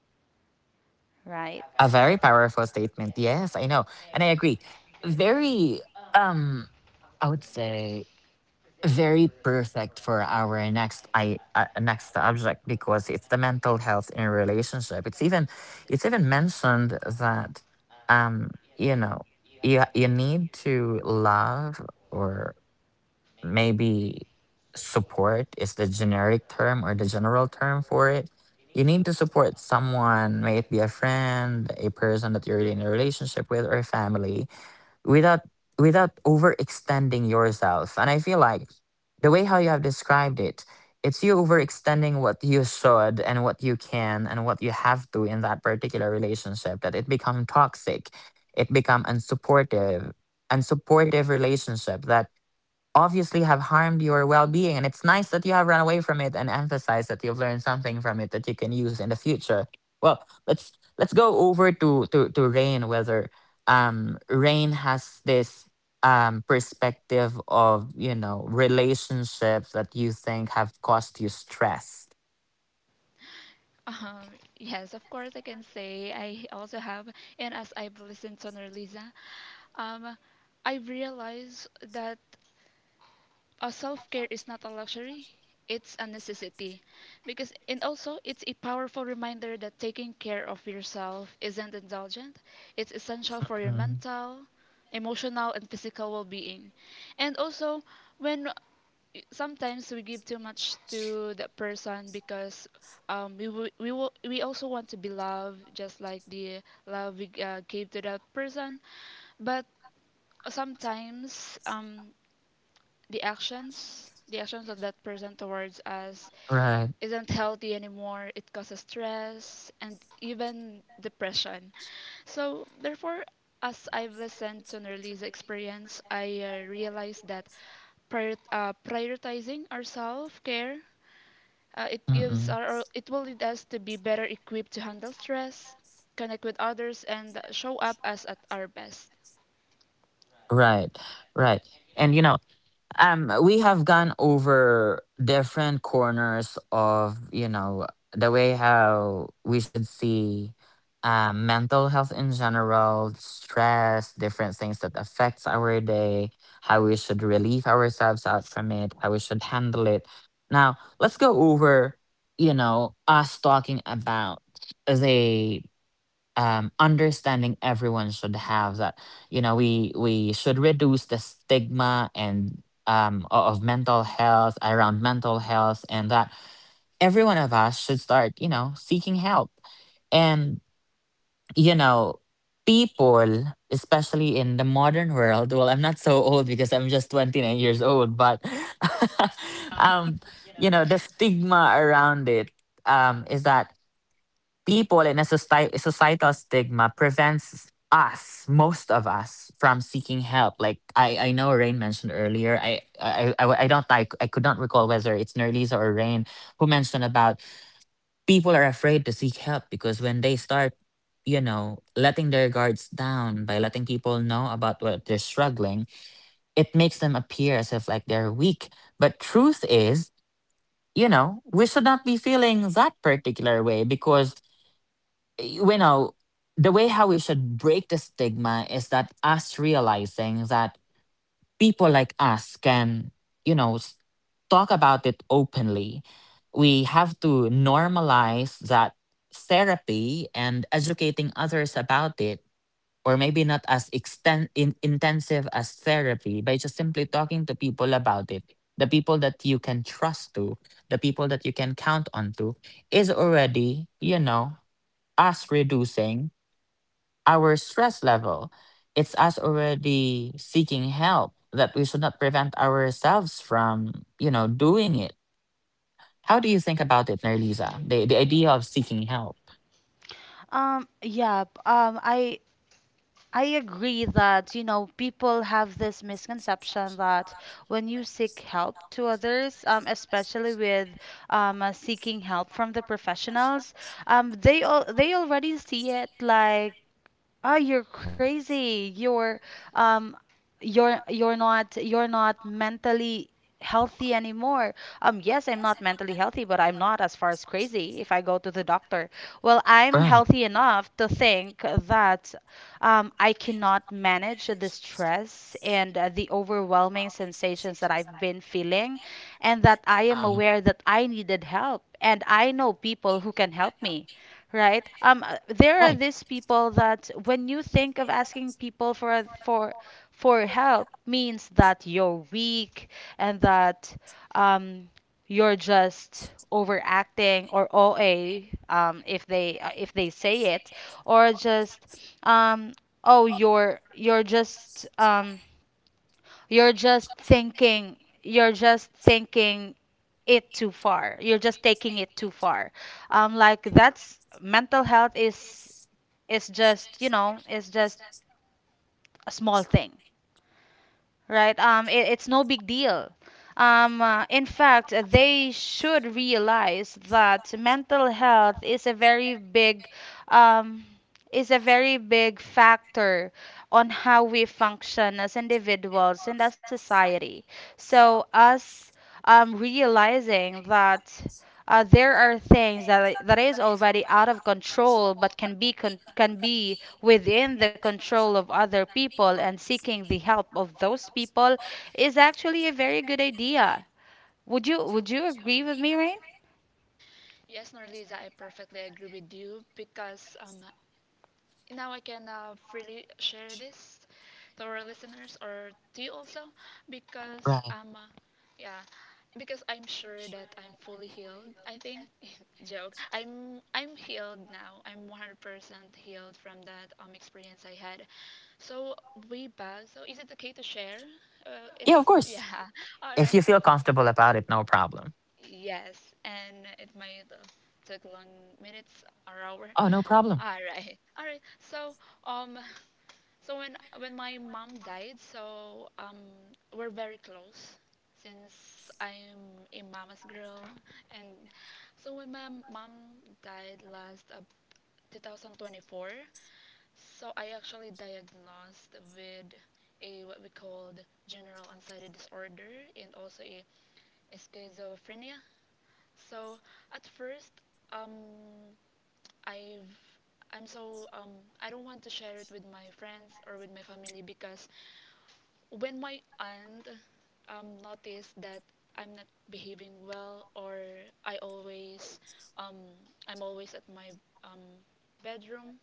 right? A very powerful statement. Yes, I know. And I agree. Very um I would say very perfect for our next I next subject, because it's the mental health in a relationship. It's even, it's even mentioned that um you know, you need to love, or maybe support is the generic term or the general term for it. You need to support someone, may it be a friend, a person that you're really in a relationship with, or family, without, without overextending yourself. And I feel like the way how you have described it, it's you overextending what you should and what you can and what you have to in that particular relationship that it become toxic, it become unsupportive, unsupportive relationship that obviously have harmed your well-being. And it's nice that you have run away from it and emphasized that you've learned something from it that you can use in the future. Well, let's go over to to rain whether rain has this perspective of, you know, relationships that you think have caused you stress. Um, yes, of course, I can say I also have, and as I've listened to Norliza, um, I've realized that self-care is not a luxury, it's a necessity, because and also it's a powerful reminder that taking care of yourself isn't indulgent, it's essential for your Mm, mental, emotional and physical well-being. And also, when sometimes we give too much to the person because we will, we also want to be loved just like the love we gave to that person. But sometimes the actions of that person towards us right. isn't healthy anymore. It causes stress and even depression. So, therefore, as I've listened to Nerly's experience, I realized that prioritizing our self care it gives Mm-mm. our, it will lead us to be better equipped to handle stress, connect with others, and show up as at our best. Right. Right. And you know, we have gone over different corners of, you know, the way how we should see, mental health in general, stress, different things that affects our day, how we should relieve ourselves out from it, how we should handle it. Now let's go over, you know, us talking about the, understanding everyone should have that, you know, we should reduce the stigma and of mental health, around mental health, and that every one of us should start, you know, seeking help. And, you know, people, especially in the modern world, well, I'm not so old because I'm just 29 years old, but um you know, the stigma around it, is that people in a society, societal stigma prevents us, most of us, from seeking help. Like, I know Rain mentioned earlier, I don't, I could not recall whether it's Nerlisa or Rain who mentioned about people are afraid to seek help because when they start, you know, letting their guards down by letting people know about what they're struggling, it makes them appear as if like they're weak. But truth is, you know, we should not be feeling that particular way, because you know, the way how we should break the stigma is that us realizing that people like us can, you know, talk about it openly. We have to normalize that therapy and educating others about it, or maybe not as intensive as therapy, by just simply talking to people about it. The people that you can trust to, the people that you can count on to, is already, you know, us reducing our stress level. It's us already seeking help that we should not prevent ourselves from, you know, doing it. How do you think about it, Nerlisa? The idea of seeking help. Yeah, I agree that, people have this misconception that when you seek help to others, especially with seeking help from the professionals. They already see it like, "Oh, you're crazy. Um you're not mentally healthy anymore." Yes, I'm not mentally healthy, but I'm not as far as crazy if I go to the doctor. Well, I'm Right. healthy enough to think that I cannot manage the stress and the overwhelming sensations that I've been feeling, and that I am Um, aware that I needed help and I know people who can help me, right? There are right. these people that when you think of asking people for help means that you're weak, and that, um, you're just overacting, or OA, if they, if they say it, or just, um, oh, you're just, you're just thinking, you're just thinking it too far. You're just taking it too far. Like that's Mental health is just a small thing, right? It's no big deal. In fact, they should realize that mental health is a very big, um, is a very big factor on how we function as individuals and as society. So us, realizing that, there are things that that is already out of control but can be can be within the control of other people, and seeking the help of those people, is actually a very good idea. Would you agree with me, Rain? Yes, Norliza, I perfectly agree with you because now I can freely share this to our listeners or to you also because Right. Yeah, because I'm sure that I'm fully healed. I think joke. I'm healed now. I'm 100% healed from that experience I had. So way back. So is it okay to share? Yeah, of It's course. yeah. All If right. you feel comfortable about it, no problem. Yes, and it might take long minutes or hour. Oh, no problem. All right, all right. So um, when my mom died, so we're very close since I'm a mama's girl, and so when my mom died last 2024, so I actually diagnosed with a what we called general anxiety disorder and also a schizophrenia. So at first, um, I've I'm so I don't want to share it with my friends or with my family because when my aunt noticed that I'm not behaving well or I always um, I'm always at my um, bedroom.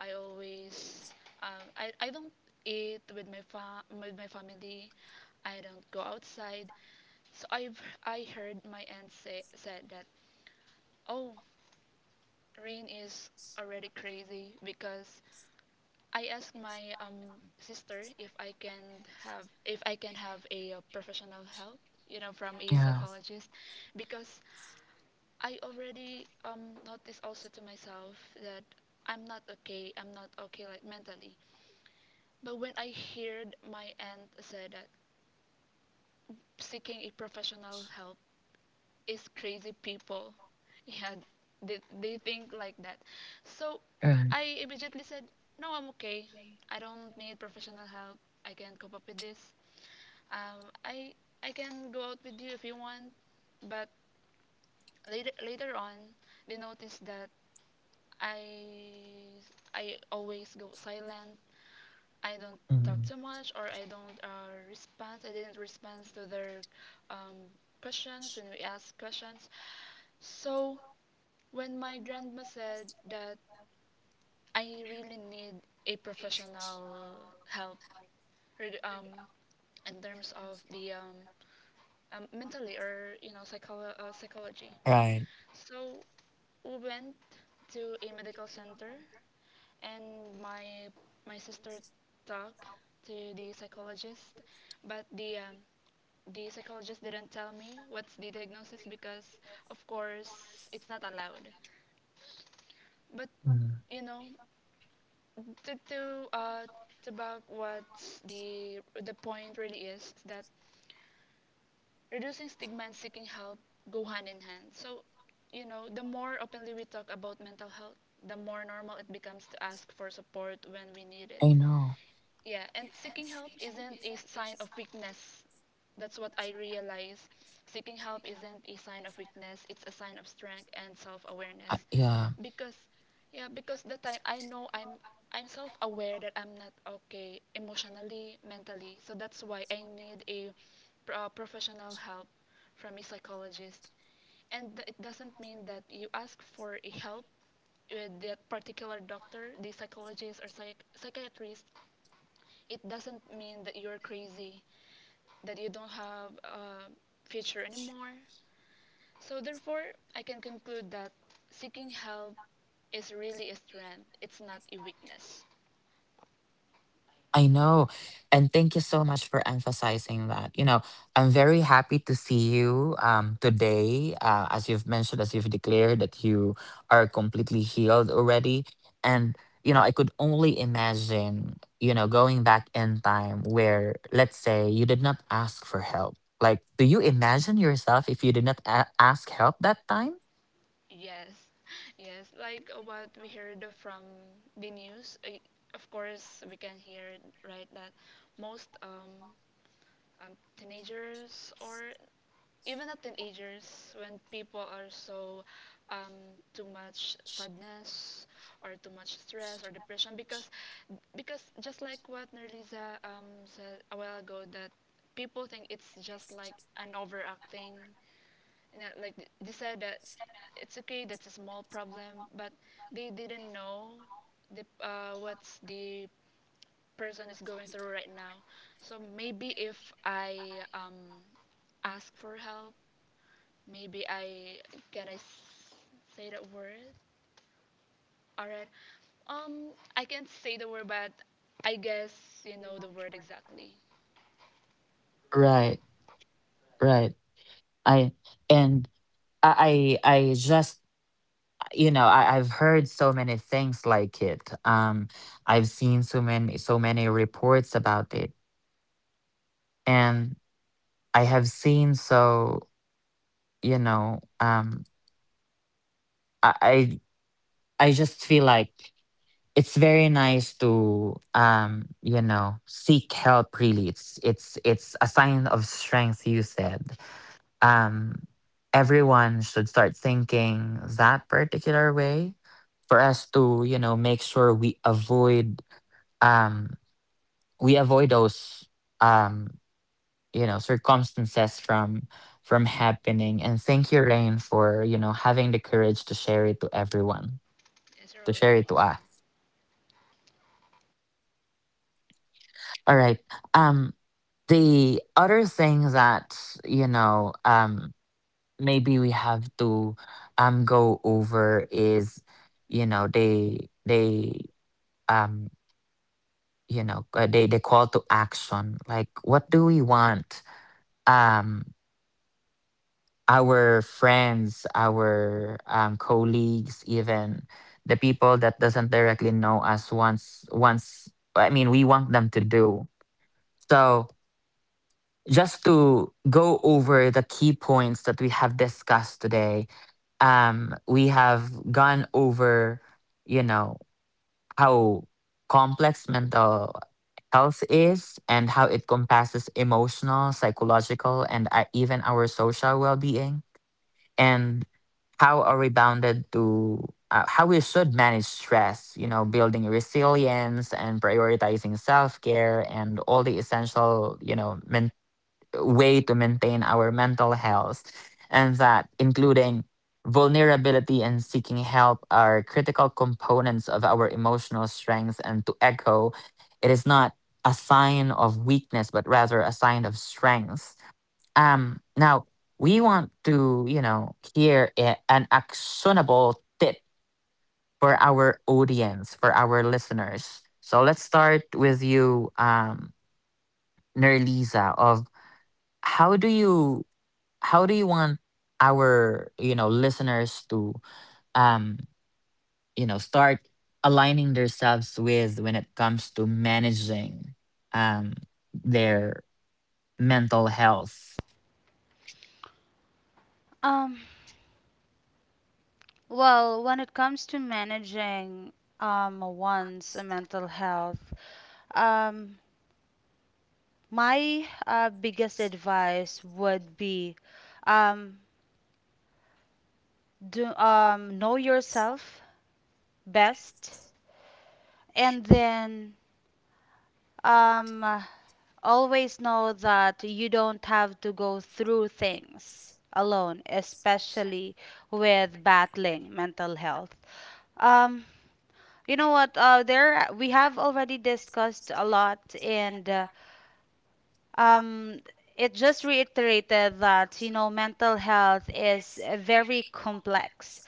I always I don't eat with my with my family. I don't go outside. So I heard my aunt say said that oh, Rain is already crazy because I asked my sister if I can have, a professional help, you know, from a Yeah. psychologist, because I already noticed also to myself that I'm not okay. I'm not okay, like, mentally. But when I heard my aunt say that seeking a professional help is crazy people. Yeah, they think like that. So Right. I immediately said, "No, I'm okay. I don't need professional help. I can cope up with this. Um, I, I can go out with you if you want." But later, later on, they noticed that I, I always go silent. I don't talk Mm, too much, or I don't respond. I didn't respond to their um, questions when we ask questions. So when my grandma said that I really need a professional help reg- um, in terms of the mentally, or you know, psychology, right. so we went to a medical center and my sister talked to the psychologist, but the psychologist didn't tell me what's the diagnosis because of course it's not allowed. But Mm, you know, to to uh to back what the the point really is that reducing stigma and seeking help go hand in hand. So, you know, the more openly we talk about mental health, the more normal it becomes to ask for support when we need it. I know. Yeah, and seeking help isn't a sign of weakness. That's what I realize. Seeking help isn't a sign of weakness, it's a sign of strength and I, self-awareness. yeah. Because yeah, because the time I know I'm self-aware that I'm not okay emotionally, mentally. So that's why I need a professional help from a psychologist. And it doesn't mean that you ask for a help with that particular doctor, the psychologist or psychiatrist, it doesn't mean that you're crazy, that you don't have a future anymore. So, therefore, I can conclude that seeking help is really a strength, it's not a weakness. I know. And thank you so much for emphasizing that. You know, I'm very happy to see you today. As you've mentioned, as you've declared that you are completely healed already. And, you know, I could only imagine, you know, going back in time where, let's say, you did not ask for help. Like, do you imagine yourself if you did not ask help that time? Yes, yes, like what we heard from the news. I, of course, we can hear, right, that most teenagers, or even at teenagers, when people are so um, too much sadness, or too much stress or depression, because just like what Nerliza said a while ago, that people think it's just like an overacting, and that, like they said that it's okay, that's a small problem, but they didn't know the, what's the person is going through right now. So maybe if I ask for help. Maybe I can, say the word. All right. Um, I can't say the word, but I guess you know the word exactly. Right, right. I and I I just, you know, I've heard so many things like it. I've seen so many reports about it. And I have seen so, you know, I I, I just feel like it's very nice to you know, seek help really. It's, it's a sign of strength, you said. um, Everyone should start thinking that particular way for us to, you know, make sure we avoid, um, we avoid those, um, you know, circumstances from happening. And thank you, Rain, for, you know, having the courage to share it to everyone, It's a to own share it to region. us. All right. um the other thing that, you know, um, maybe we have to, um, go over is, you know, they um, you know, they call to action, like, what do we want, um, our friends, our, um, colleagues, even the people that doesn't directly know us, once, I mean, we want them to do. So, just to go over the key points that we have discussed today, we have gone over, you know, how complex mental health is and how it compasses emotional, psychological, and, even our social well being, and how are we bounded to. How we should manage stress, you know, building resilience and prioritizing self care and all the essential, you know, mental way to maintain our mental health, and that including vulnerability and seeking help are critical components of our emotional strength. And to echo, it is not a sign of weakness, but rather a sign of strength. Now, we want to, you know, hear an actionable tip for our audience, for our listeners. So let's start with you, Nerlisa, of how do you, how do you want our, you know, listeners to, um, you know, start aligning themselves with when it comes to managing, um, their mental health. Um, well, when it comes to managing one's mental health, um, my biggest advice would be, um, do, know yourself best. And then, um, always know that you don't have to go through things alone, especially with battling mental health. Um, you know what? There, we have already discussed a lot, and, um, it just reiterated that, mental health is very complex.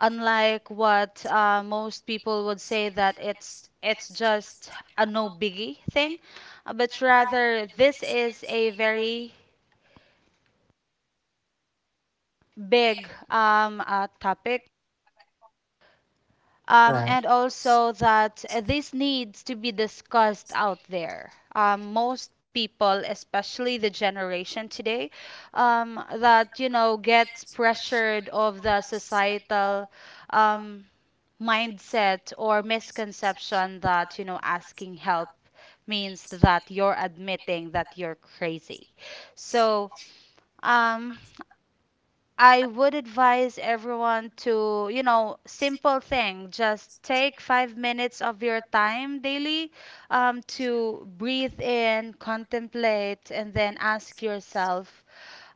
Unlike what, most people would say, that it's just a no biggie thing, but rather this is a very big, topic, Right. and also that, this needs to be discussed out there. Most people, especially the generation today, that, gets pressured of the societal, um, mindset or misconception that, asking help means that you're admitting that you're crazy. So, um, I would advise everyone to, simple thing: just take 5 minutes of your time daily, to breathe in, contemplate, and then ask yourself,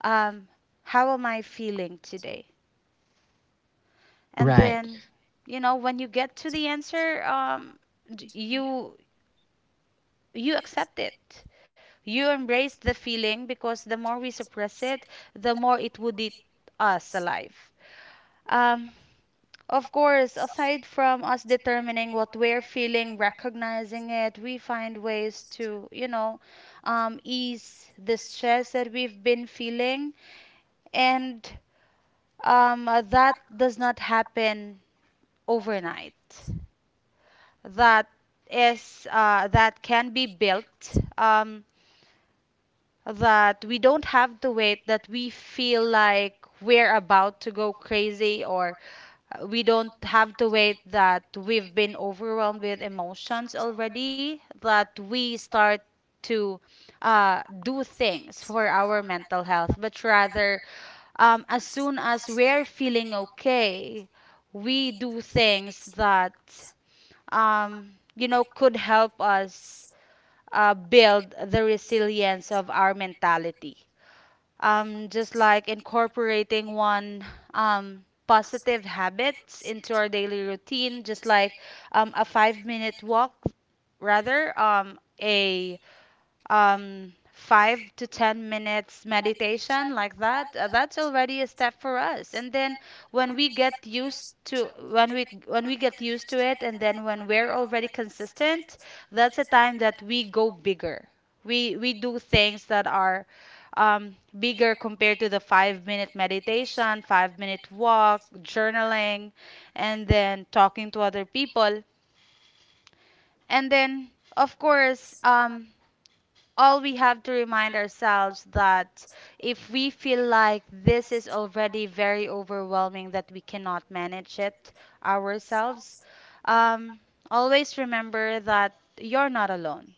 um, how am I feeling today? And Right, then, when you get to the answer, d- you you accept it. You embrace the feeling, because the more we suppress it, the more it would eat us alive. Um, of course, aside from us determining what we're feeling, recognizing it, we find ways to, ease the stress that we've been feeling. And, that does not happen overnight. That that can be built. That we don't have to wait that we feel like we're about to go crazy, or, we don't have to wait that we've been overwhelmed with emotions already, that we start to, do things for our mental health, but rather, as soon as we're feeling okay, we do things that, um, could help us, build the resilience of our mentality, just like incorporating one, positive habits into our daily routine, just like, a 5-minute walk, rather, a 5 to 10 minutes meditation, like that, that's already a step for us. And then when we get used to when we get used to it, and then when we're already consistent, that's a time that we go bigger. We do things that are, bigger, compared to the 5-minute meditation, 5-minute walk, journaling, and then talking to other people. And then, of course, all we have to remind ourselves, that if we feel like this is already very overwhelming, that we cannot manage it ourselves, um, always remember that you're not alone.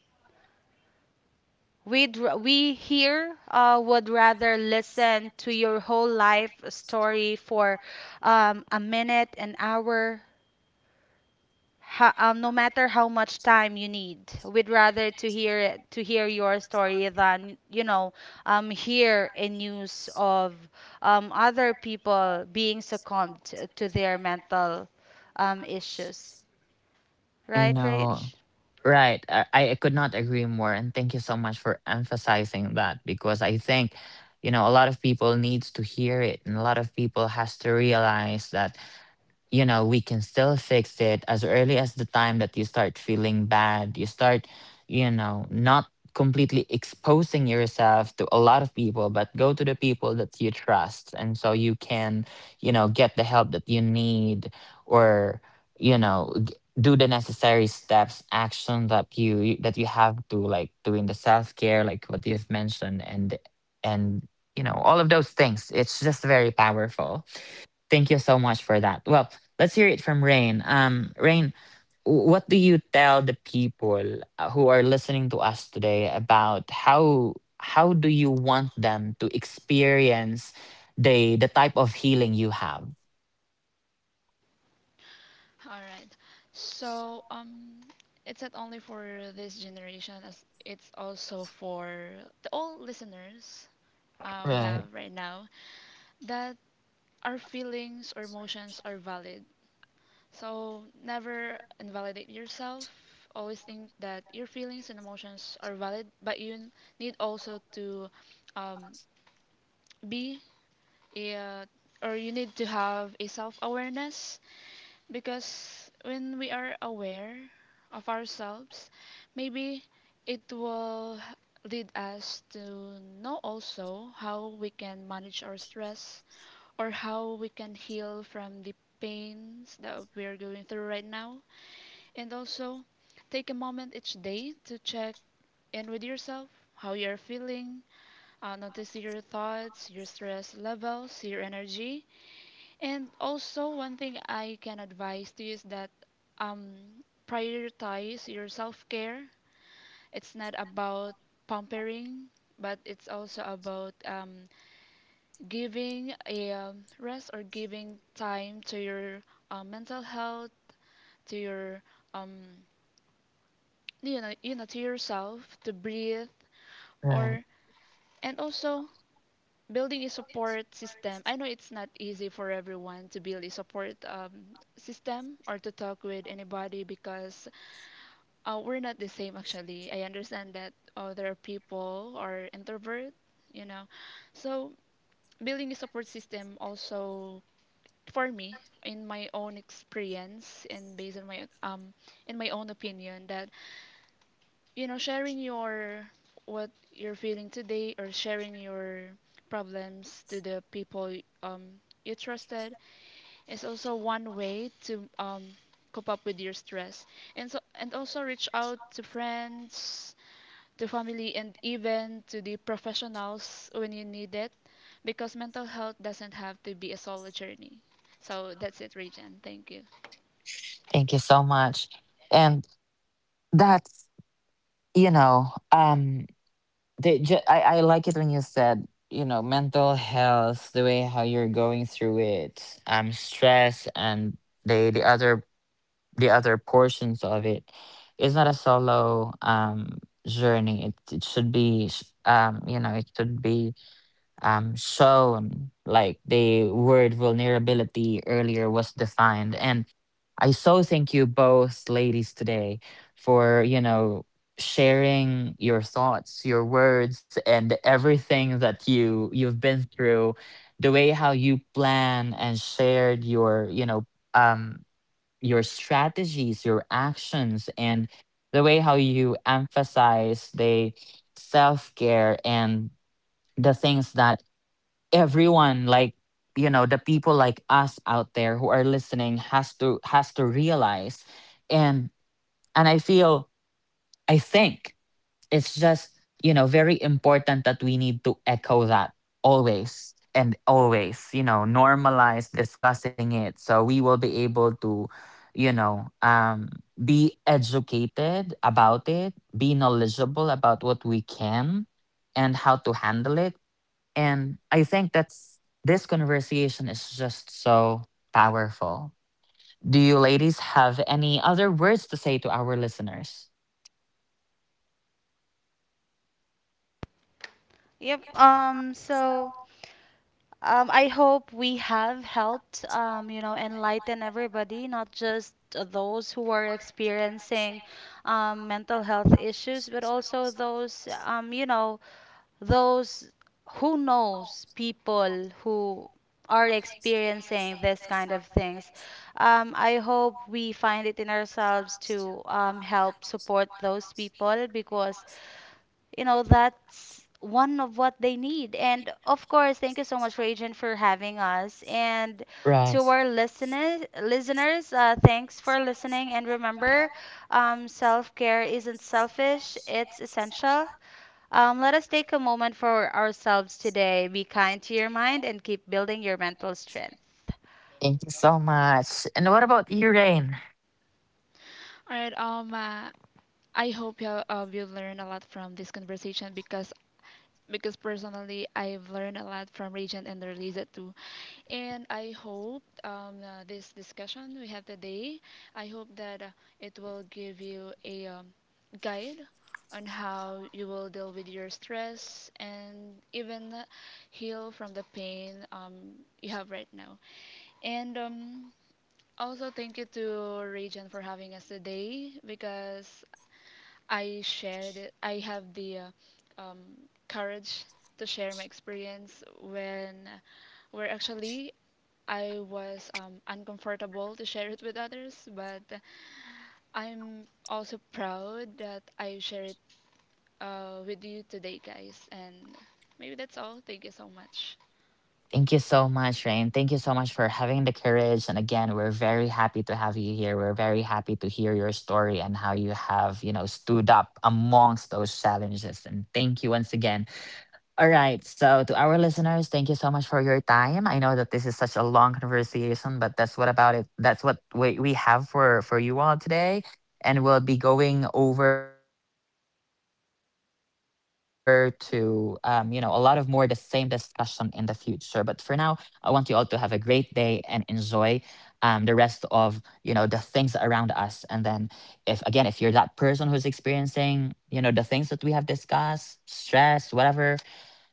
We here, would rather listen to your whole life story for, a minute, an hour, no matter how much time you need. We'd rather to hear your story, than, hear a news of, other people being succumbed to their mental, issues, I right, know. rage. Right, I could not agree more, and thank you so much for emphasizing that, because I think, you know, a lot of people needs to hear it, and a lot of people has to realize that, you know, we can still fix it as early as the time that you start feeling bad, you start, you know, not completely exposing yourself to a lot of people, but go to the people that you trust. And so you can, you know, get the help that you need or, you know, do the necessary steps, action that you have to, like doing the self-care, like what you've mentioned, and and you know, all of those things. It's just very powerful. Thank you so much for that. Well, let's hear it from Rain. Rain, what do you tell the people, who are listening to us today about how do you want them to experience the type of healing you have? All right. So it's not only for this generation, as it's also for the old listeners we Right, have right now, that our feelings or emotions are valid. So never invalidate yourself. Always think that your feelings and emotions are valid, but you need also to um, be uh, or you need to have a self awareness, because when we are aware of ourselves, maybe it will lead us to know also how we can manage our stress, or how we can heal from the pains that we are going through right now. And also, take a moment each day to check in with yourself, how you're feeling, notice your thoughts, your stress levels, your energy. And also, one thing I can advise to you is that, prioritize your self care. It's not about pampering, but it's also about giving a rest, or giving time to your mental health, to your um, you know, to yourself, to breathe. right. Or and also building a support system. I know it's not easy for everyone to build a support system, or to talk with anybody, because we're not the same actually. I understand that there are people are introvert, you know. So building a support system also, for me, in my own experience and based on my in my own opinion, that you know, sharing your what you're feeling today, or sharing your problems to the people you trusted, is also one way to cope up with your stress. And so and also reach out to friends, to family, and even to the professionals when you need it, because mental health doesn't have to be a solo journey. So that's it, Regent. Thank you. Thank you so much. And that's, you know, the, I like it when you said, you know, mental health, the way how you're going through it, stress and the the other portions of it. It's not a solo, journey. It should be, you know, it should be, shown like the word vulnerability earlier was defined. And I so thank you both ladies today for, you know, sharing your thoughts, your words, and everything that you, you've been through, the way how you plan and shared your, you know, um, your strategies, your actions, and the way how you emphasize the self care and the things that everyone, like, you know, the people like us out there who are listening, has to, has to realize. And I feel, I think it's just, you know, very important that we need to echo that always, and always, you know, normalize discussing it, so we will be able to, you know, um, be educated about it, be knowledgeable about what we can and how to handle it. And I think that's, this conversation is just so powerful. Do you ladies have any other words to say to our listeners? Yep, so, I hope we have helped, enlighten everybody, not just those who are experiencing, mental health issues, but also those, those who knows people who are experiencing this kind of things. I hope we find it in ourselves to, help support those people, because, that's one of what they need. And, of course, thank you so much, Regent, for having us. And Right. to our listeners, thanks for listening, and remember, self-care isn't selfish, it's essential. Let us take a moment for ourselves today. Be kind to your mind, and keep building your mental strength. Thank you so much. And what about you, Rain? All right, I hope you, you learn a lot from this conversation, because personally, I've learned a lot from Regent and Relisa too. And I hope this discussion we have today, I hope that it will give you a guide on how you will deal with your stress, and even heal from the pain you have right now. And also thank you to Regent for having us today, because I shared it. I have the um, courage to share my experience when, where actually I was uncomfortable to share it with others, but I'm also proud that I share it with you today, guys. And maybe that's all. Thank you so much. Thank you so much, Rain. Thank you so much for having the courage. And again, we're very happy to have you here. We're very happy to hear your story and how you have, you know, stood up amongst those challenges. And thank you once again. All right. So, to our listeners, thank you so much for your time. I know that this is such a long conversation, but that's what about it. That's what we have for you all today, and we'll be going over to, you know, a lot of more the same discussion in the future. But for now, I want you all to have a great day and enjoy, um, the rest of, you know, the things around us. And then, if, again, if you're that person who's experiencing, you know, the things that we have discussed, stress, whatever,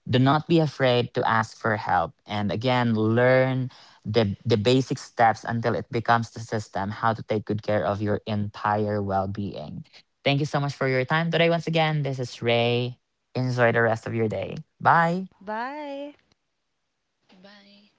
do not be afraid to ask for help. And again, learn the basic steps until it becomes the system how to take good care of your entire well-being. Thank you so much for your time today. Once again, this is Ray. Enjoy the rest of your day. Bye. Bye. Bye.